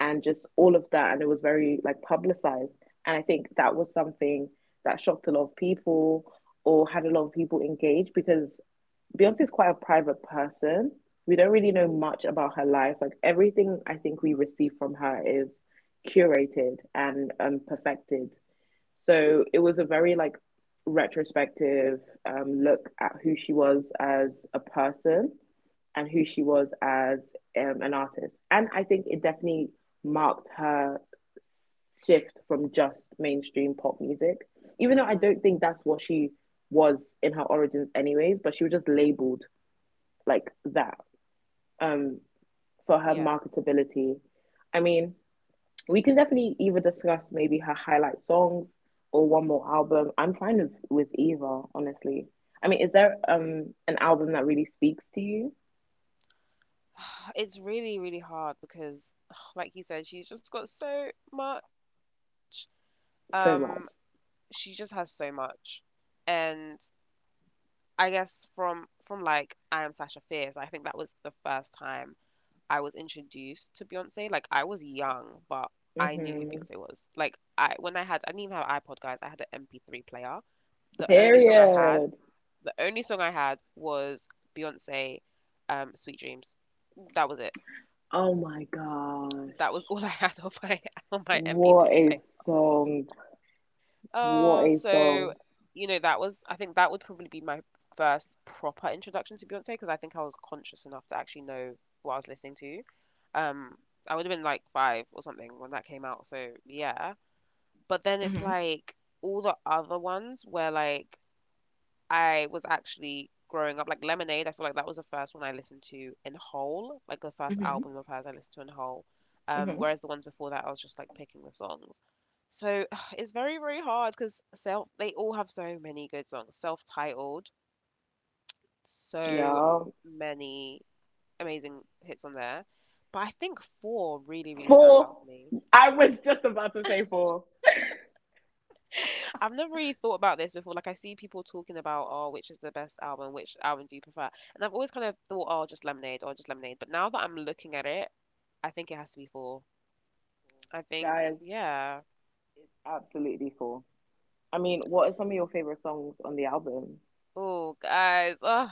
A: and just all of that, and it was very like publicized. And I think that was something that shocked a lot of people or had a lot of people engaged because Beyonce is quite a private person. We don't really know much about her life. Like everything I think we receive from her is curated and perfected. So it was a very like retrospective look at who she was as a person and who she was as an artist. And I think it definitely marked her shift from just mainstream pop music, even though I
B: Mhm.
A: don't think that's what she was in her origins, anyways, but she was just labeled like that, um, for her
B: Yeah,
A: marketability. I mean, we can definitely either discuss maybe her highlight songs or one more album. I'm fine with either, honestly. I mean, is there an album that really speaks to you
B: (sighs) it's really hard because, (sighs) like you said, she's just got so much. Um,
A: so much?
B: she just has so much, and I guess from like I Am Sasha Fierce, I think that was the first time I was introduced to Beyonce. Like I was young, but I knew who
A: Hmm.
B: Beyonce was. Like I when I had I didn't even have an iPod, guys. I had an MP3 player. The only song I had,
A: Period.
B: the only song I had was Beyonce, Sweet Dreams. That was it.
A: Oh my gosh.
B: That was (laughs) all I had on my (laughs) on my
A: What
B: MP3
A: a
B: player.
A: song. What
B: Oh,
A: a
B: so
A: song.
B: you know, that was I think that would probably be my first proper introduction to Beyonce because I think I was conscious enough to actually know what I was listening to. Um, I would have been like five or something when that came out, so yeah. But then it's
A: Hmm.
B: like all the other ones where like I was actually growing up like Lemonade. I feel like that was the first one I listened to in whole, like the first
A: Hmm.
B: album of hers I listened to in whole.
A: Hmm.
B: Whereas the ones before that, I was just like picking the songs. So (sighs) it's very hard because self they all have so many good songs. Self-titled, so
A: Yeah.
B: many amazing hits on there. But I think Four really, really stands
A: Four.
B: out to me.
A: I was just about to say four.
B: I've never really thought about this before. Like I see people talking about, oh, which is the best album, which album do you prefer? And I've always kind of thought, oh, just Lemonade or just Lemonade. But now that I'm looking at it, I think it has to be Four. I think,
A: Guys,
B: yeah.
A: it's absolutely four. I mean, what are some of your favorite songs on the album?
B: Oh, guys. Oh,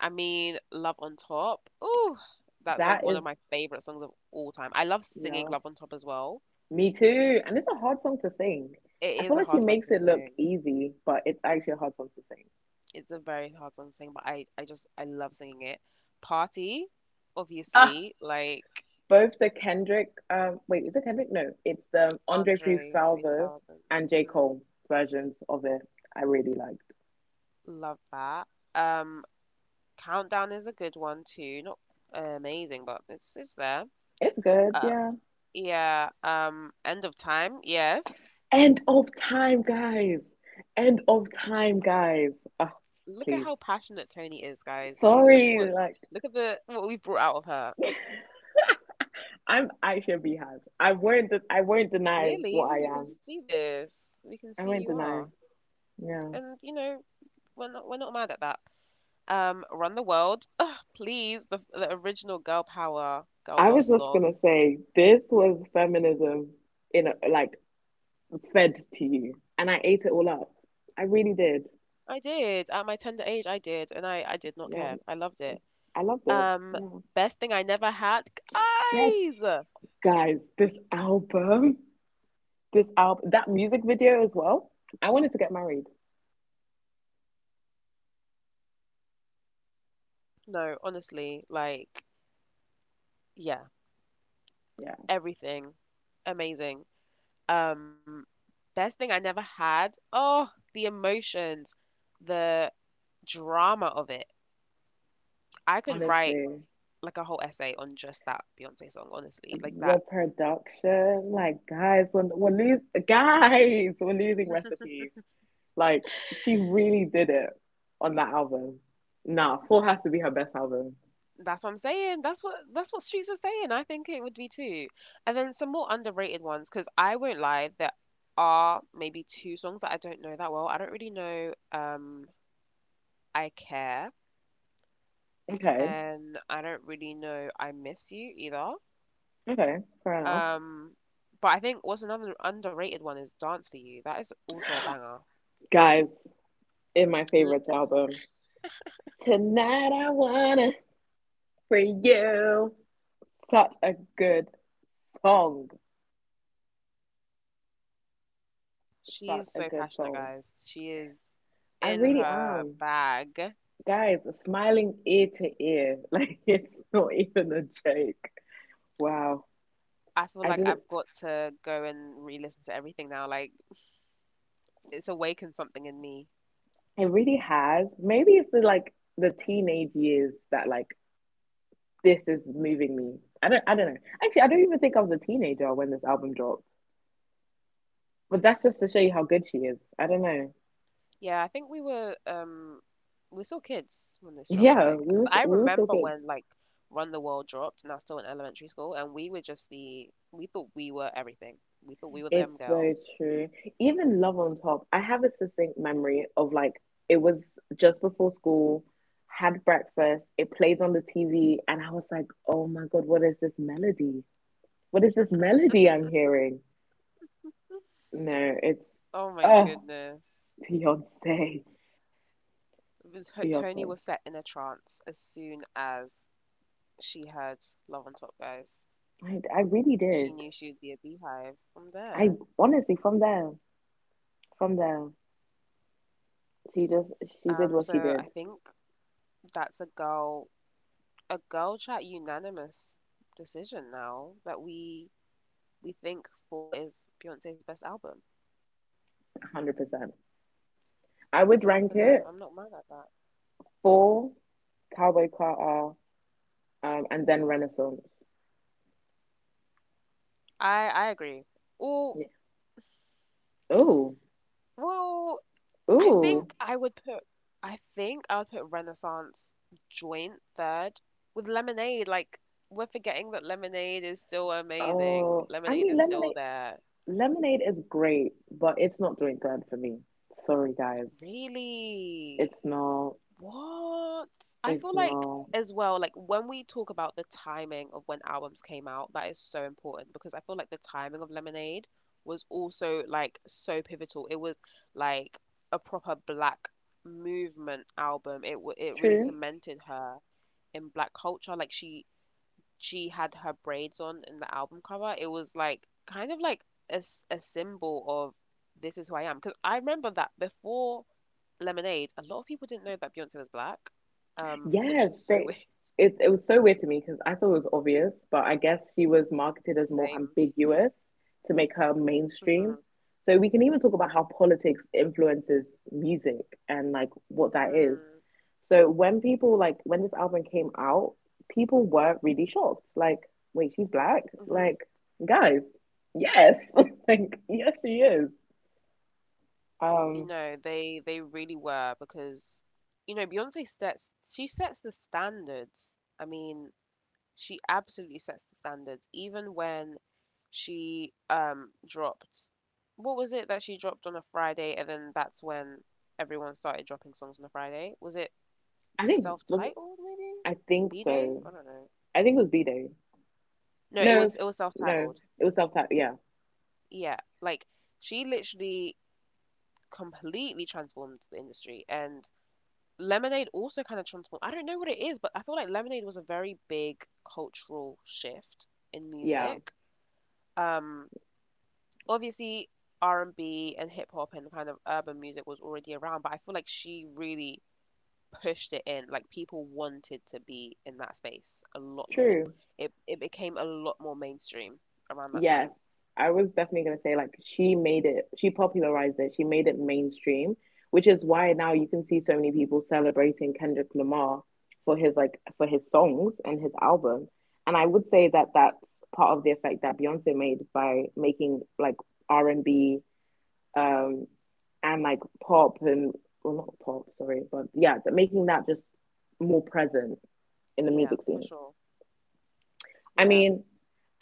B: I mean, Love on Top. Oh, that's like
A: That
B: one
A: is,
B: of my favorite songs of all time. I love
A: you
B: singing
A: know,
B: Love on Top as well.
A: me too. And it's a hard song to sing.
B: It
A: I feel
B: is a
A: like she
B: hard song
A: makes
B: to
A: it look
B: sing.
A: easy, but it's actually a hard song to sing.
B: It's a very hard song to sing, but I just, I love singing it. Party,
A: Ah,
B: obviously. Like,
A: both the Kendrick, wait, is it Kendrick? No, it's the Andre
B: Andre
A: 3000
B: 3000.
A: and J.
B: hmm
A: Cole versions of it. I really liked.
B: Love that. Um, Countdown is a good one too. Not amazing, but it's there.
A: It's good,
B: Uh,
A: yeah.
B: yeah. End of Time. Yes.
A: End of time, guys. End of time, guys. Ah,
B: Look at
A: please.
B: how passionate Tony is, guys. You look
A: Sorry,
B: what
A: like
B: Look at the what we've brought out of her.
A: I'm actually a beehive. I won't deny what
B: Clearly,
A: I
B: we can
A: am.
B: see this. We can see
A: I
B: you
A: won't
B: are,
A: deny. Yeah.
B: and you know we're not mad at that. Run the World. Ugh, please, the original Girl Power Girl
A: I
B: Boss
A: was just
B: song.
A: gonna say this was feminism in a, like, fed to you, and I ate it all up. I really did.
B: I did. At my tender age, I did, and I did not
A: Yeah,
B: care. I loved it.
A: I loved it.
B: Um,
A: Yeah.
B: Best thing I never had,
A: Yes.
B: guys.
A: Guys, this album, that music video as well. I wanted to get married.
B: No, honestly, like yeah,
A: Yeah,
B: everything amazing. Um, Best thing I never had. Oh, the emotions, the drama of it. I could write
A: honestly,
B: like a whole essay on just that Beyonce song, honestly.
A: the production, like, guys, when we're losing, guys, we're losing recipes. Like she really did it on that album. Nah, Full has to be her best album.
B: That's what I'm saying. That's what streets are saying. I think it would be too. And then some more underrated ones, because I won't lie, there are maybe two songs that I don't know that well. I don't really know I Care
A: Okay.
B: and I don't really know I Miss You either.
A: Okay, fair enough.
B: Um but I think what's another underrated one is Dance for You. That is also a banger.
A: Guys, in my
B: L-
A: favorites album, Tonight I Wanna For You. Such a good song.
B: She's
A: Such a
B: so
A: good
B: passionate,
A: song.
B: guys. She is
A: I
B: in
A: really
B: her
A: am.
B: bag.
A: Guys, smiling ear to ear. (laughs) Like, it's not even a joke. Wow.
B: I feel
A: I
B: like
A: didn't,
B: I've got to go and re-listen to everything now. Like it's awakened something in me.
A: it really has. Maybe it's the, like, the teenage years that, like, this is moving me. I don't know. Actually, I don't even think I was a teenager when this album dropped. But that's just to show you how good she is. I don't know.
B: Yeah, I think we were still kids when this dropped, I
A: Yeah,
B: think.
A: we
B: Because
A: were so,
B: I
A: we were still
B: remember
A: kids.
B: when like Run the World dropped and I was still in elementary school and we would just be we thought we were everything. We thought we were
A: It's
B: them
A: so
B: girls. (laughs)
A: true. Even Love on Top, I have a succinct memory of like it was just before school, had breakfast, it played on the TV, and I was like, oh my God, what is this melody? What is this melody I'm hearing? No, it's
B: Oh my
A: oh
B: goodness.
A: Beyonce,
B: But Tony was
A: Beyonce.
B: set in a trance as soon as she heard Love on Top, guys.
A: I really
B: She knew
A: did.
B: she would be a beehive from there.
A: I honestly from there, she just she did
B: Um,
A: what
B: so
A: she did,
B: I think that's a girl chat unanimous decision now that we think Four is Beyonce's best album.
A: 100%. I would
B: Yeah,
A: rank
B: and
A: it
B: I'm not mad at that.
A: Fall, Cowboy Carter, and then Renaissance.
B: I agree. Oh
A: Yeah. Ooh,
B: well, I
A: ooh.
B: think I would put I think I would put Renaissance joint third with Lemonade. Like we're forgetting that Lemonade is still amazing.
A: Oh, I
B: Lemonade
A: mean,
B: is still
A: Lemonade.
B: there.
A: Lemonade is great, but it's not doing third for me. Sorry, guys.
B: Really?
A: It's not.
B: What? I
A: It's
B: feel like
A: not
B: as well, like when we talk about the timing of when albums came out, that is so important because I feel like the timing of Lemonade was also like so pivotal. It was like a proper black movement album. It really
A: true.
B: cemented her in black culture. Like she had her braids on in the album cover, it was like kind of like a symbol of this is who I am. Because I remember that before Lemonade, a lot of people didn't know that Beyonce was black, which
A: Yes,
B: is so
A: they
B: weird.
A: it it was so weird to me because I thought it was obvious, but I guess she was marketed
B: (laughs)
A: as more
B: Same.
A: ambiguous to make her mainstream.
B: hmm
A: So we can even talk about how politics influences music and like what that is.
B: Mm,
A: So when people like when this album came out, people were really shocked. Like, wait, she's black?
B: hmm
A: Like, guys, yes. (laughs) Like, yes, she is.
B: You
A: Um,
B: know, they really were because, you know, Beyonce sets she sets the standards. I mean, she absolutely sets the standards, even when she dropped what was it that she dropped on a Friday and then that's when everyone started dropping songs on a Friday? Was it
A: I think was it,
B: self-titled maybe?
A: I think
B: B Day?
A: so.
B: I don't know.
A: I think it was B-Day.
B: No, it
A: No,
B: was
A: no.
B: self-titled.
A: It was self-taught. Yeah.
B: Yeah. Like she literally completely transformed the industry and Lemonade also kind of transformed. I don't know what it is, but I feel like Lemonade was a very big cultural shift in
A: Yeah.
B: music. Um Obviously R&B and B and hip hop and kind of urban music was already around, but I feel like she really pushed it in. Like people wanted to be in that space a lot more.
A: True.
B: It became a lot more mainstream around that
A: Yes.
B: time.
A: I was definitely going to say, like, she made it, she popularized it, she made it mainstream, which is why now you can see so many people celebrating Kendrick Lamar for his, like, for his songs and his album. And I would say that that's part of the effect that Beyonce made by making, like, R&B, um, and like pop and well, not pop, sorry, but yeah, making that just more present in the
B: Yeah,
A: music
B: for
A: scene.
B: sure.
A: I
B: Yeah,
A: mean,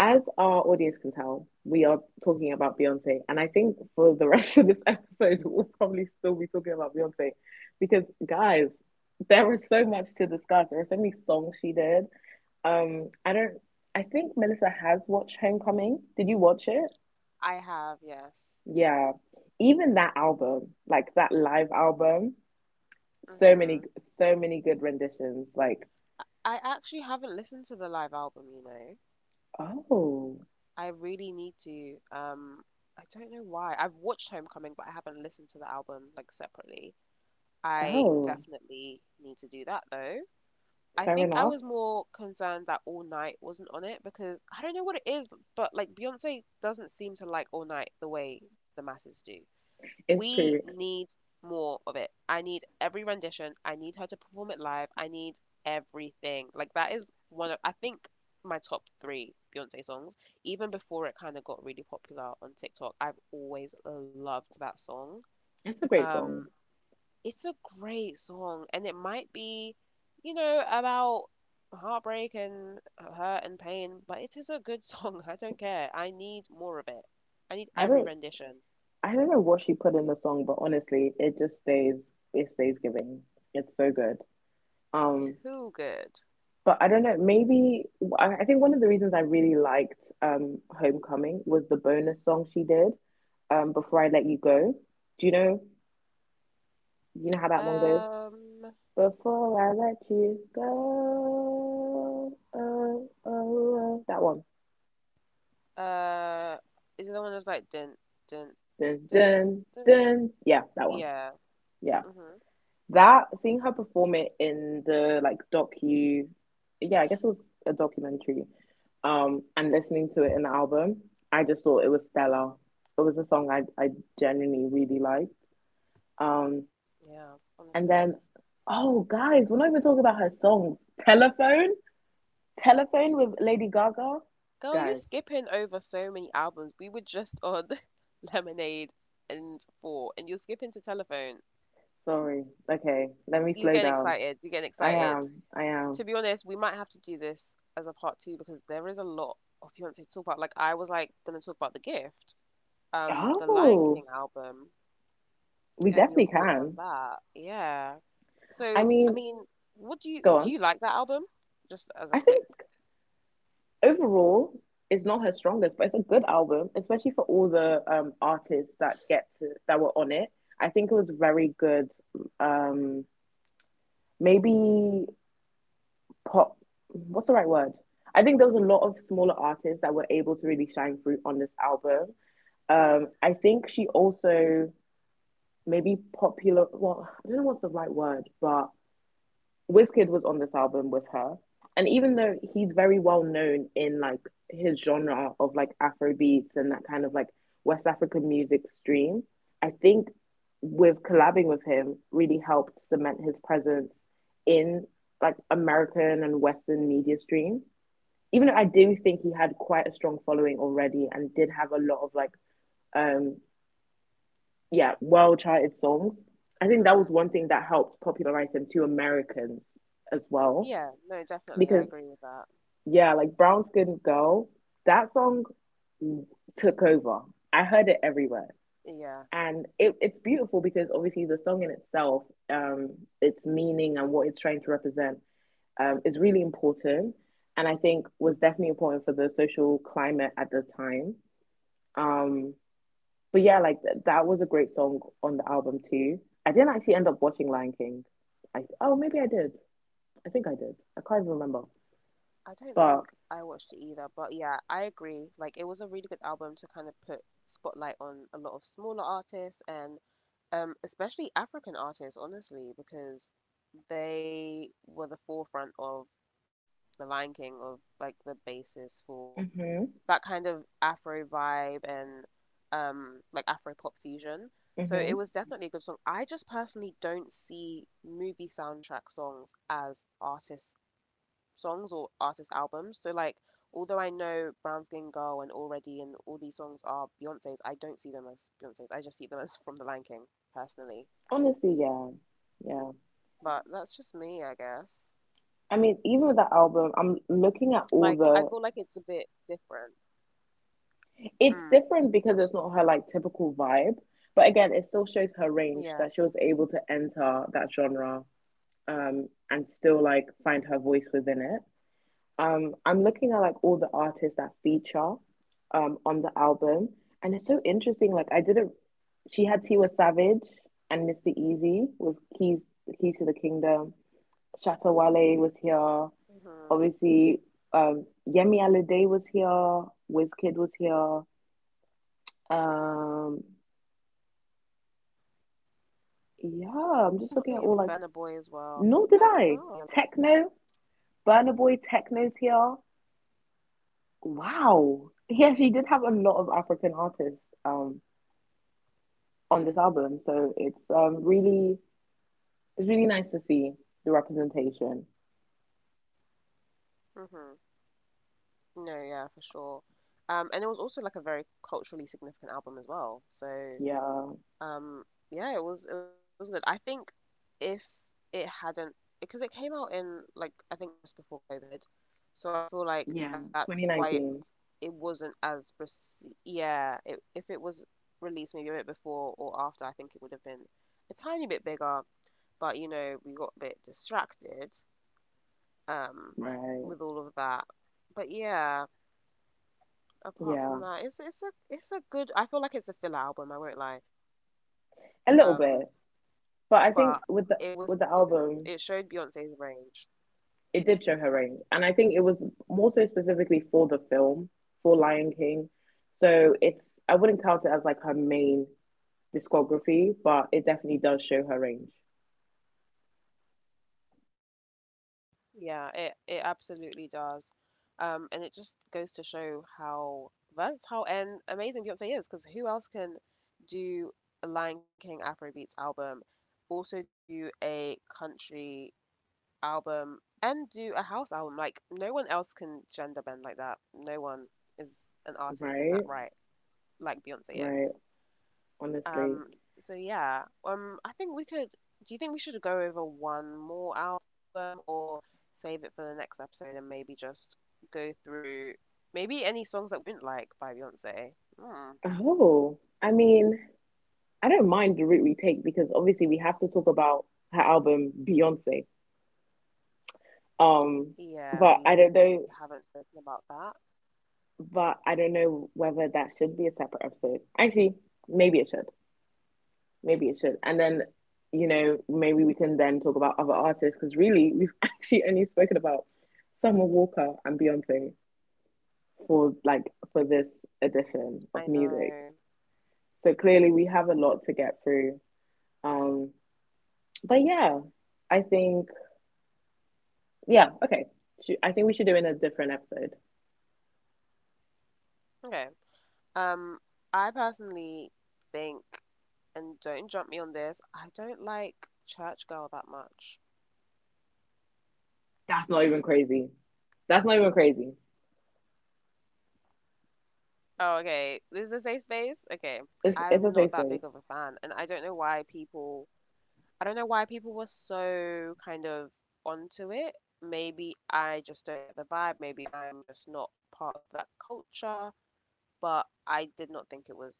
A: as our audience can tell, we are talking about Beyonce, and I think for the (laughs) rest of this episode, we'll probably still be talking about Beyonce because, guys, there was so much to discuss. There were so many songs she did. I don't. I think Melissa has watched Homecoming. Did you watch it?
B: I have, yes.
A: Yeah. Even that album, like that live album, so
B: hmm
A: many, so many good renditions. Like,
B: I actually haven't listened to the live album, you know.
A: oh,
B: I really need to. I don't know why. I've watched Homecoming, but I haven't listened to the album like separately. I
A: oh,
B: definitely need to do that though. I
A: fair
B: think I
A: enough.
B: was more concerned that All Night wasn't on it because I don't know what it is, but like Beyonce doesn't seem to like All Night the way the masses do.
A: It's
B: We
A: true.
B: need more of it. I need every rendition. I need her to perform it live. I need everything. Like that is one of I think my top three Beyonce songs. Even before it kind of got really popular on TikTok, I've always loved that song.
A: It's a great song.
B: Um, it's a great song, and it might be, you know, about heartbreak and hurt and pain, but it is a good song. (laughs) I don't care. I need more of it. I need
A: I
B: every
A: don't
B: rendition.
A: I don't know what she put in the song, but honestly, it just stays it stays giving. It's so good. Um,
B: Too good.
A: but I don't know, maybe I think one of the reasons I really liked Homecoming was the bonus song she did, Before I Let You Go. Do you know how that one goes?
B: Um,
A: Before I let you go. Oh, oh, oh. That one.
B: uh, is it the one that's like dun
A: Dun
B: dun dun?
A: dun dun. Yeah, that one.
B: Yeah.
A: Yeah.
B: Mhm.
A: That seeing her perform it in the like yeah, I guess it was a documentary, and listening to it in the album, I just thought it was stellar. It was a song I genuinely really liked. Um,
B: Yeah.
A: and
B: Honestly,
A: then, oh guys, we're not even talking about her songs. Telephone, Telephone with Lady Gaga,
B: girl, you're
A: guys.
B: skipping over so many albums. We were just on (laughs) Lemonade and Four, and you're skipping to Telephone.
A: Sorry. Okay, let me
B: You're
A: slow
B: getting
A: down.
B: excited. You're getting
A: I
B: excited.
A: am. I
B: To
A: am.
B: be honest, we might have to do this as a part two because there is a lot of Beyonce to talk about. Like I was like gonna talk about The Gift, the Lion
A: Oh,
B: King album,
A: we
B: and your
A: definitely
B: thoughts on
A: can.
B: that. Yeah.
A: I
B: So I
A: mean,
B: mean, what
A: go
B: do?
A: on.
B: You like that album? Just as
A: I
B: a
A: think
B: quick.
A: overall it's not her strongest, but it's a good album, especially for all the artists that get to that were on it. I think it was very good. Um, Maybe pop. What's the right word? I think there was a lot of smaller artists that were able to really shine through on this album.
B: Mm,
A: I think she also maybe popular. Well, I don't know what's the right word, but Wizkid was on this album with her, and even though
B: hmm
A: he's very well known in like his genre of like Afro beats and that kind of like West African music stream, I think with collabing with him really helped cement his presence in like American and Western media stream. Even though I do think he had quite a strong following already and did have a lot of like um yeah, well charted songs. I think that was
B: hmm
A: one thing that helped popularize him to Americans as well
B: Yeah. No, definitely. I
A: because
B: agree with that.
A: yeah, like Brown Skin Girl, that song took over. I heard it everywhere.
B: Yeah.
A: And it's beautiful because obviously the song in itself, um, its meaning and what it's trying to represent is really important. And I think was definitely important for the social climate at the time. Um, but yeah, that was a great song on the album too. I didn't actually end up watching Lion King. I, oh, maybe I did. I think I did. I can't even remember.
B: I don't think I
A: But
B: watched it either, but yeah, I agree. Like it was a really good album to kind of put spotlight on a lot of smaller artists and especially African artists, honestly, because they were the forefront of the Lion King of like the basis for
A: hmm
B: that kind of Afro vibe and like Afro pop fusion. So
A: hmm
B: it was definitely a good song. I just personally don't see movie soundtrack songs as artists songs or artist albums. So, like, although I know Brown Skin Girl and Already and all these songs are Beyonce's, I don't see them as Beyonce's. I just see them as (laughs) from The Lion King personally.
A: honestly, yeah. Yeah.
B: But that's just me, I guess.
A: I mean, even with the album, I'm looking at
B: Like,
A: all
B: I
A: the.
B: feel like it's a bit different.
A: It's
B: Mm.
A: different because it's not her like typical vibe, but again, it still shows her range that she was
B: Yeah.
A: able to enter that genre and still like find her voice within it. I'm looking at like all the artists that feature on the album, and it's so interesting like I didn't she had Tiwa Savage and Mr. Easy with Keys to the Kingdom. Shatta Wale was here.
B: hmm
A: Obviously, Yemi Alade was here, Wizkid was here.
B: Oh,
A: Um,
B: I did not know Yemi Alade was on there.
A: yeah, I'm just looking at all like,
B: Burna Boy
A: no,
B: as
A: did I?
B: well.
A: Techno, Burna Boy Techno's here. Wow. (laughs) Yeah, she did have a lot of African artists on this album, so it's really it's really nice to see the representation.
B: Hmm No, yeah, for sure. And it was also like a very culturally significant album as well. So
A: Yeah,
B: Um, yeah, it was good. I think if it hadn't, because it came out in like I think just before COVID, so I feel like
A: yeah,
B: that's why it,
A: 2019,
B: it wasn't as rece yeah. It, if it was released maybe a bit before or after, I think it would have been a tiny bit bigger. But you know, we got a bit distracted um with
A: right?
B: all of that. But yeah, apart
A: Yeah,
B: from that, it's a good. I feel like it's a filler album. I won't lie. Um,
A: a little bit,
B: but it
A: but I
B: was still
A: think
B: good. It
A: with the
B: showed Beyonce's
A: album.
B: range.
A: It did show her range, and I think it was more so specifically for the film for Lion King. So it's I wouldn't count it as like her main discography, but it definitely does show her range.
B: Yeah, it absolutely does. And it just goes to show how versatile and amazing Beyonce is, because who else can do a Lion King Afrobeats album, also do a country album, and do a house album? Like, no one else can gender bend like that. No one is an
A: Right,
B: artist in that right, like
A: right.
B: Beyonce is.
A: Honestly.
B: Um, so yeah, I think we could. Do you think we should go over one more album or save it for the next episode and maybe just go through maybe any songs that we don't like by Beyonce? Hmm.
A: Oh, I mean, I don't mind the route we take because obviously we have to talk about her album Beyonce. Um, but I don't know.
B: Yeah, we haven't spoken about that.
A: But I don't know whether that should be a separate episode. Actually, maybe it should. Maybe it should. And then, you know, maybe we can then talk about other artists because really, (laughs) we've actually only spoken about Summer Walker and Beyonce for like for this edition
B: I
A: of music.
B: know.
A: So clearly, we have a lot to get through. Um, but yeah, I think yeah, okay. I think we should do it in a different episode.
B: Okay. Um, I personally think, and don't jump me on this, I don't like Church Girl that much.
A: That's not even crazy. That's not even crazy.
B: Oh, okay. This is a safe space. Okay.
A: It's a
B: I'm
A: safe
B: not
A: space.
B: that big of a fan, and I don't know why people I don't know why people were so kind of onto it. Maybe I just don't get the vibe. Maybe I'm just not part of that culture, but I did not think it was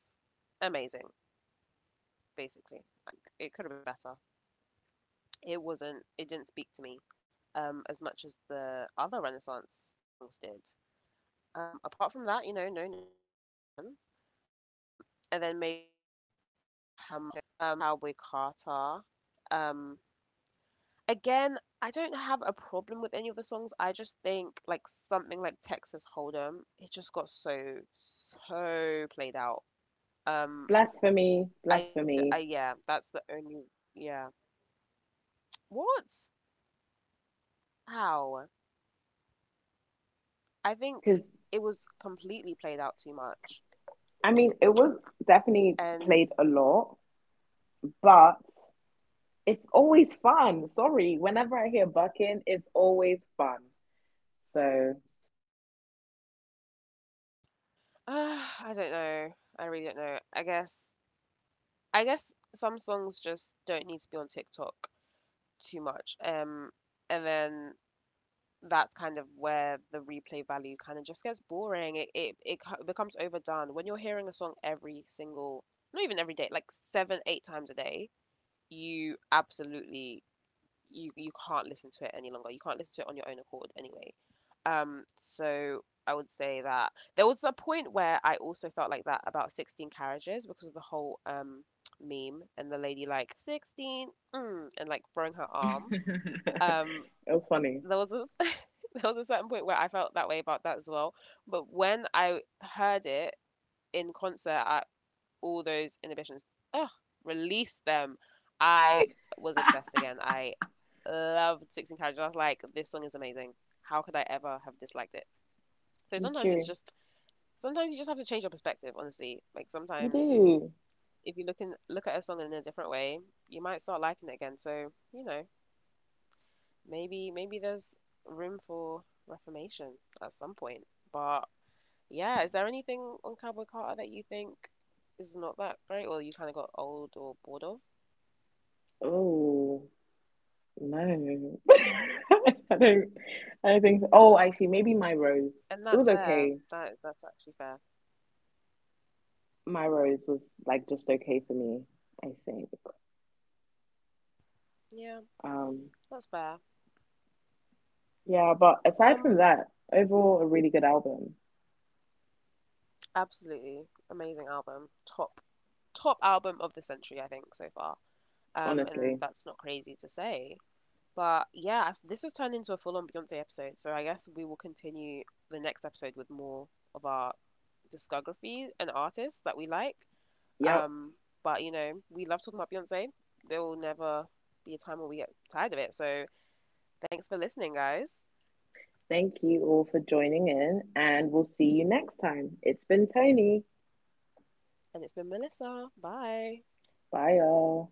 B: amazing, basically. I think it could have been better. It didn't speak to me as much as the other Renaissance songs did. Apart from that, you know, no notes, 10 out of 10. Um, and then maybe looking at Cowboy Carter. Um, Again, I don't have a problem with any of the songs. I just think like something like Texas Hold'em, it just got so played out. Um,
A: Blasphemy,
B: I, j-
A: blasphemy.
B: I yeah, that's the only yeah. What? How? I think
A: Because
B: it was completely played out too much,
A: I mean, it was definitely played a
B: and
A: lot, but it's always fun. Sorry, whenever I hear bucking, it's always fun. So
B: (sighs) uh, I don't know. I really don't know. I guess some songs just don't need to be on TikTok too much. And then that's kind of where the replay value kind of just gets boring. It becomes overdone when you're hearing a song every single, not even every day, like seven, eight times a day. You absolutely you can't listen to it any longer. You can't listen to it on your own accord anyway. So I would say that there was a point where I also felt like that about 16 carriages because of the whole meme and the lady like 16 and like throwing her
A: (laughs)
B: arm.
A: it
B: Um,
A: was funny.
B: there was a (laughs) there was a certain point where I felt that way about that as well. But when I heard it in concert at all those inhibitions, ugh, release them, I was obsessed again. I loved 16 Carriages. I was like, this song is amazing. How could I ever have disliked it? So
A: It's true.
B: sometimes you just have to change your perspective, honestly. Like
A: You
B: sometimes
A: do.
B: if you look at a song in a different way, you might start liking it again. So, you know, maybe there's room for reformation at some point. But yeah, is there anything on Cowboy Carter that you think is not that great or you kind of got old or bored of?
A: Oh no, (laughs) I don't. I don't think. So. Oh, actually, maybe my rose.
B: And
A: It
B: that's
A: was
B: fair.
A: okay.
B: That's actually fair.
A: My rose was like just okay for me. I think.
B: Yeah,
A: Um.
B: that's fair.
A: Yeah, but aside from
B: Um,
A: that, overall, a really good album,
B: Absolutely amazing album. Top Top album of the century, I think, so far. And
A: honestly.
B: that's not crazy to say. But yeah, I've- this has turned into a full-on Beyonce episode, so I guess we will continue the next episode with more of our discography and artists that we like.
A: Yep.
B: Um, but you know, we love talking about Beyonce. There will never be a time where we get tired of it. So thanks for listening, guys.
A: Thank you all for joining in, and we'll see you next time. It's been Tony.
B: And it's been Melissa. Bye.
A: Bye, y'all.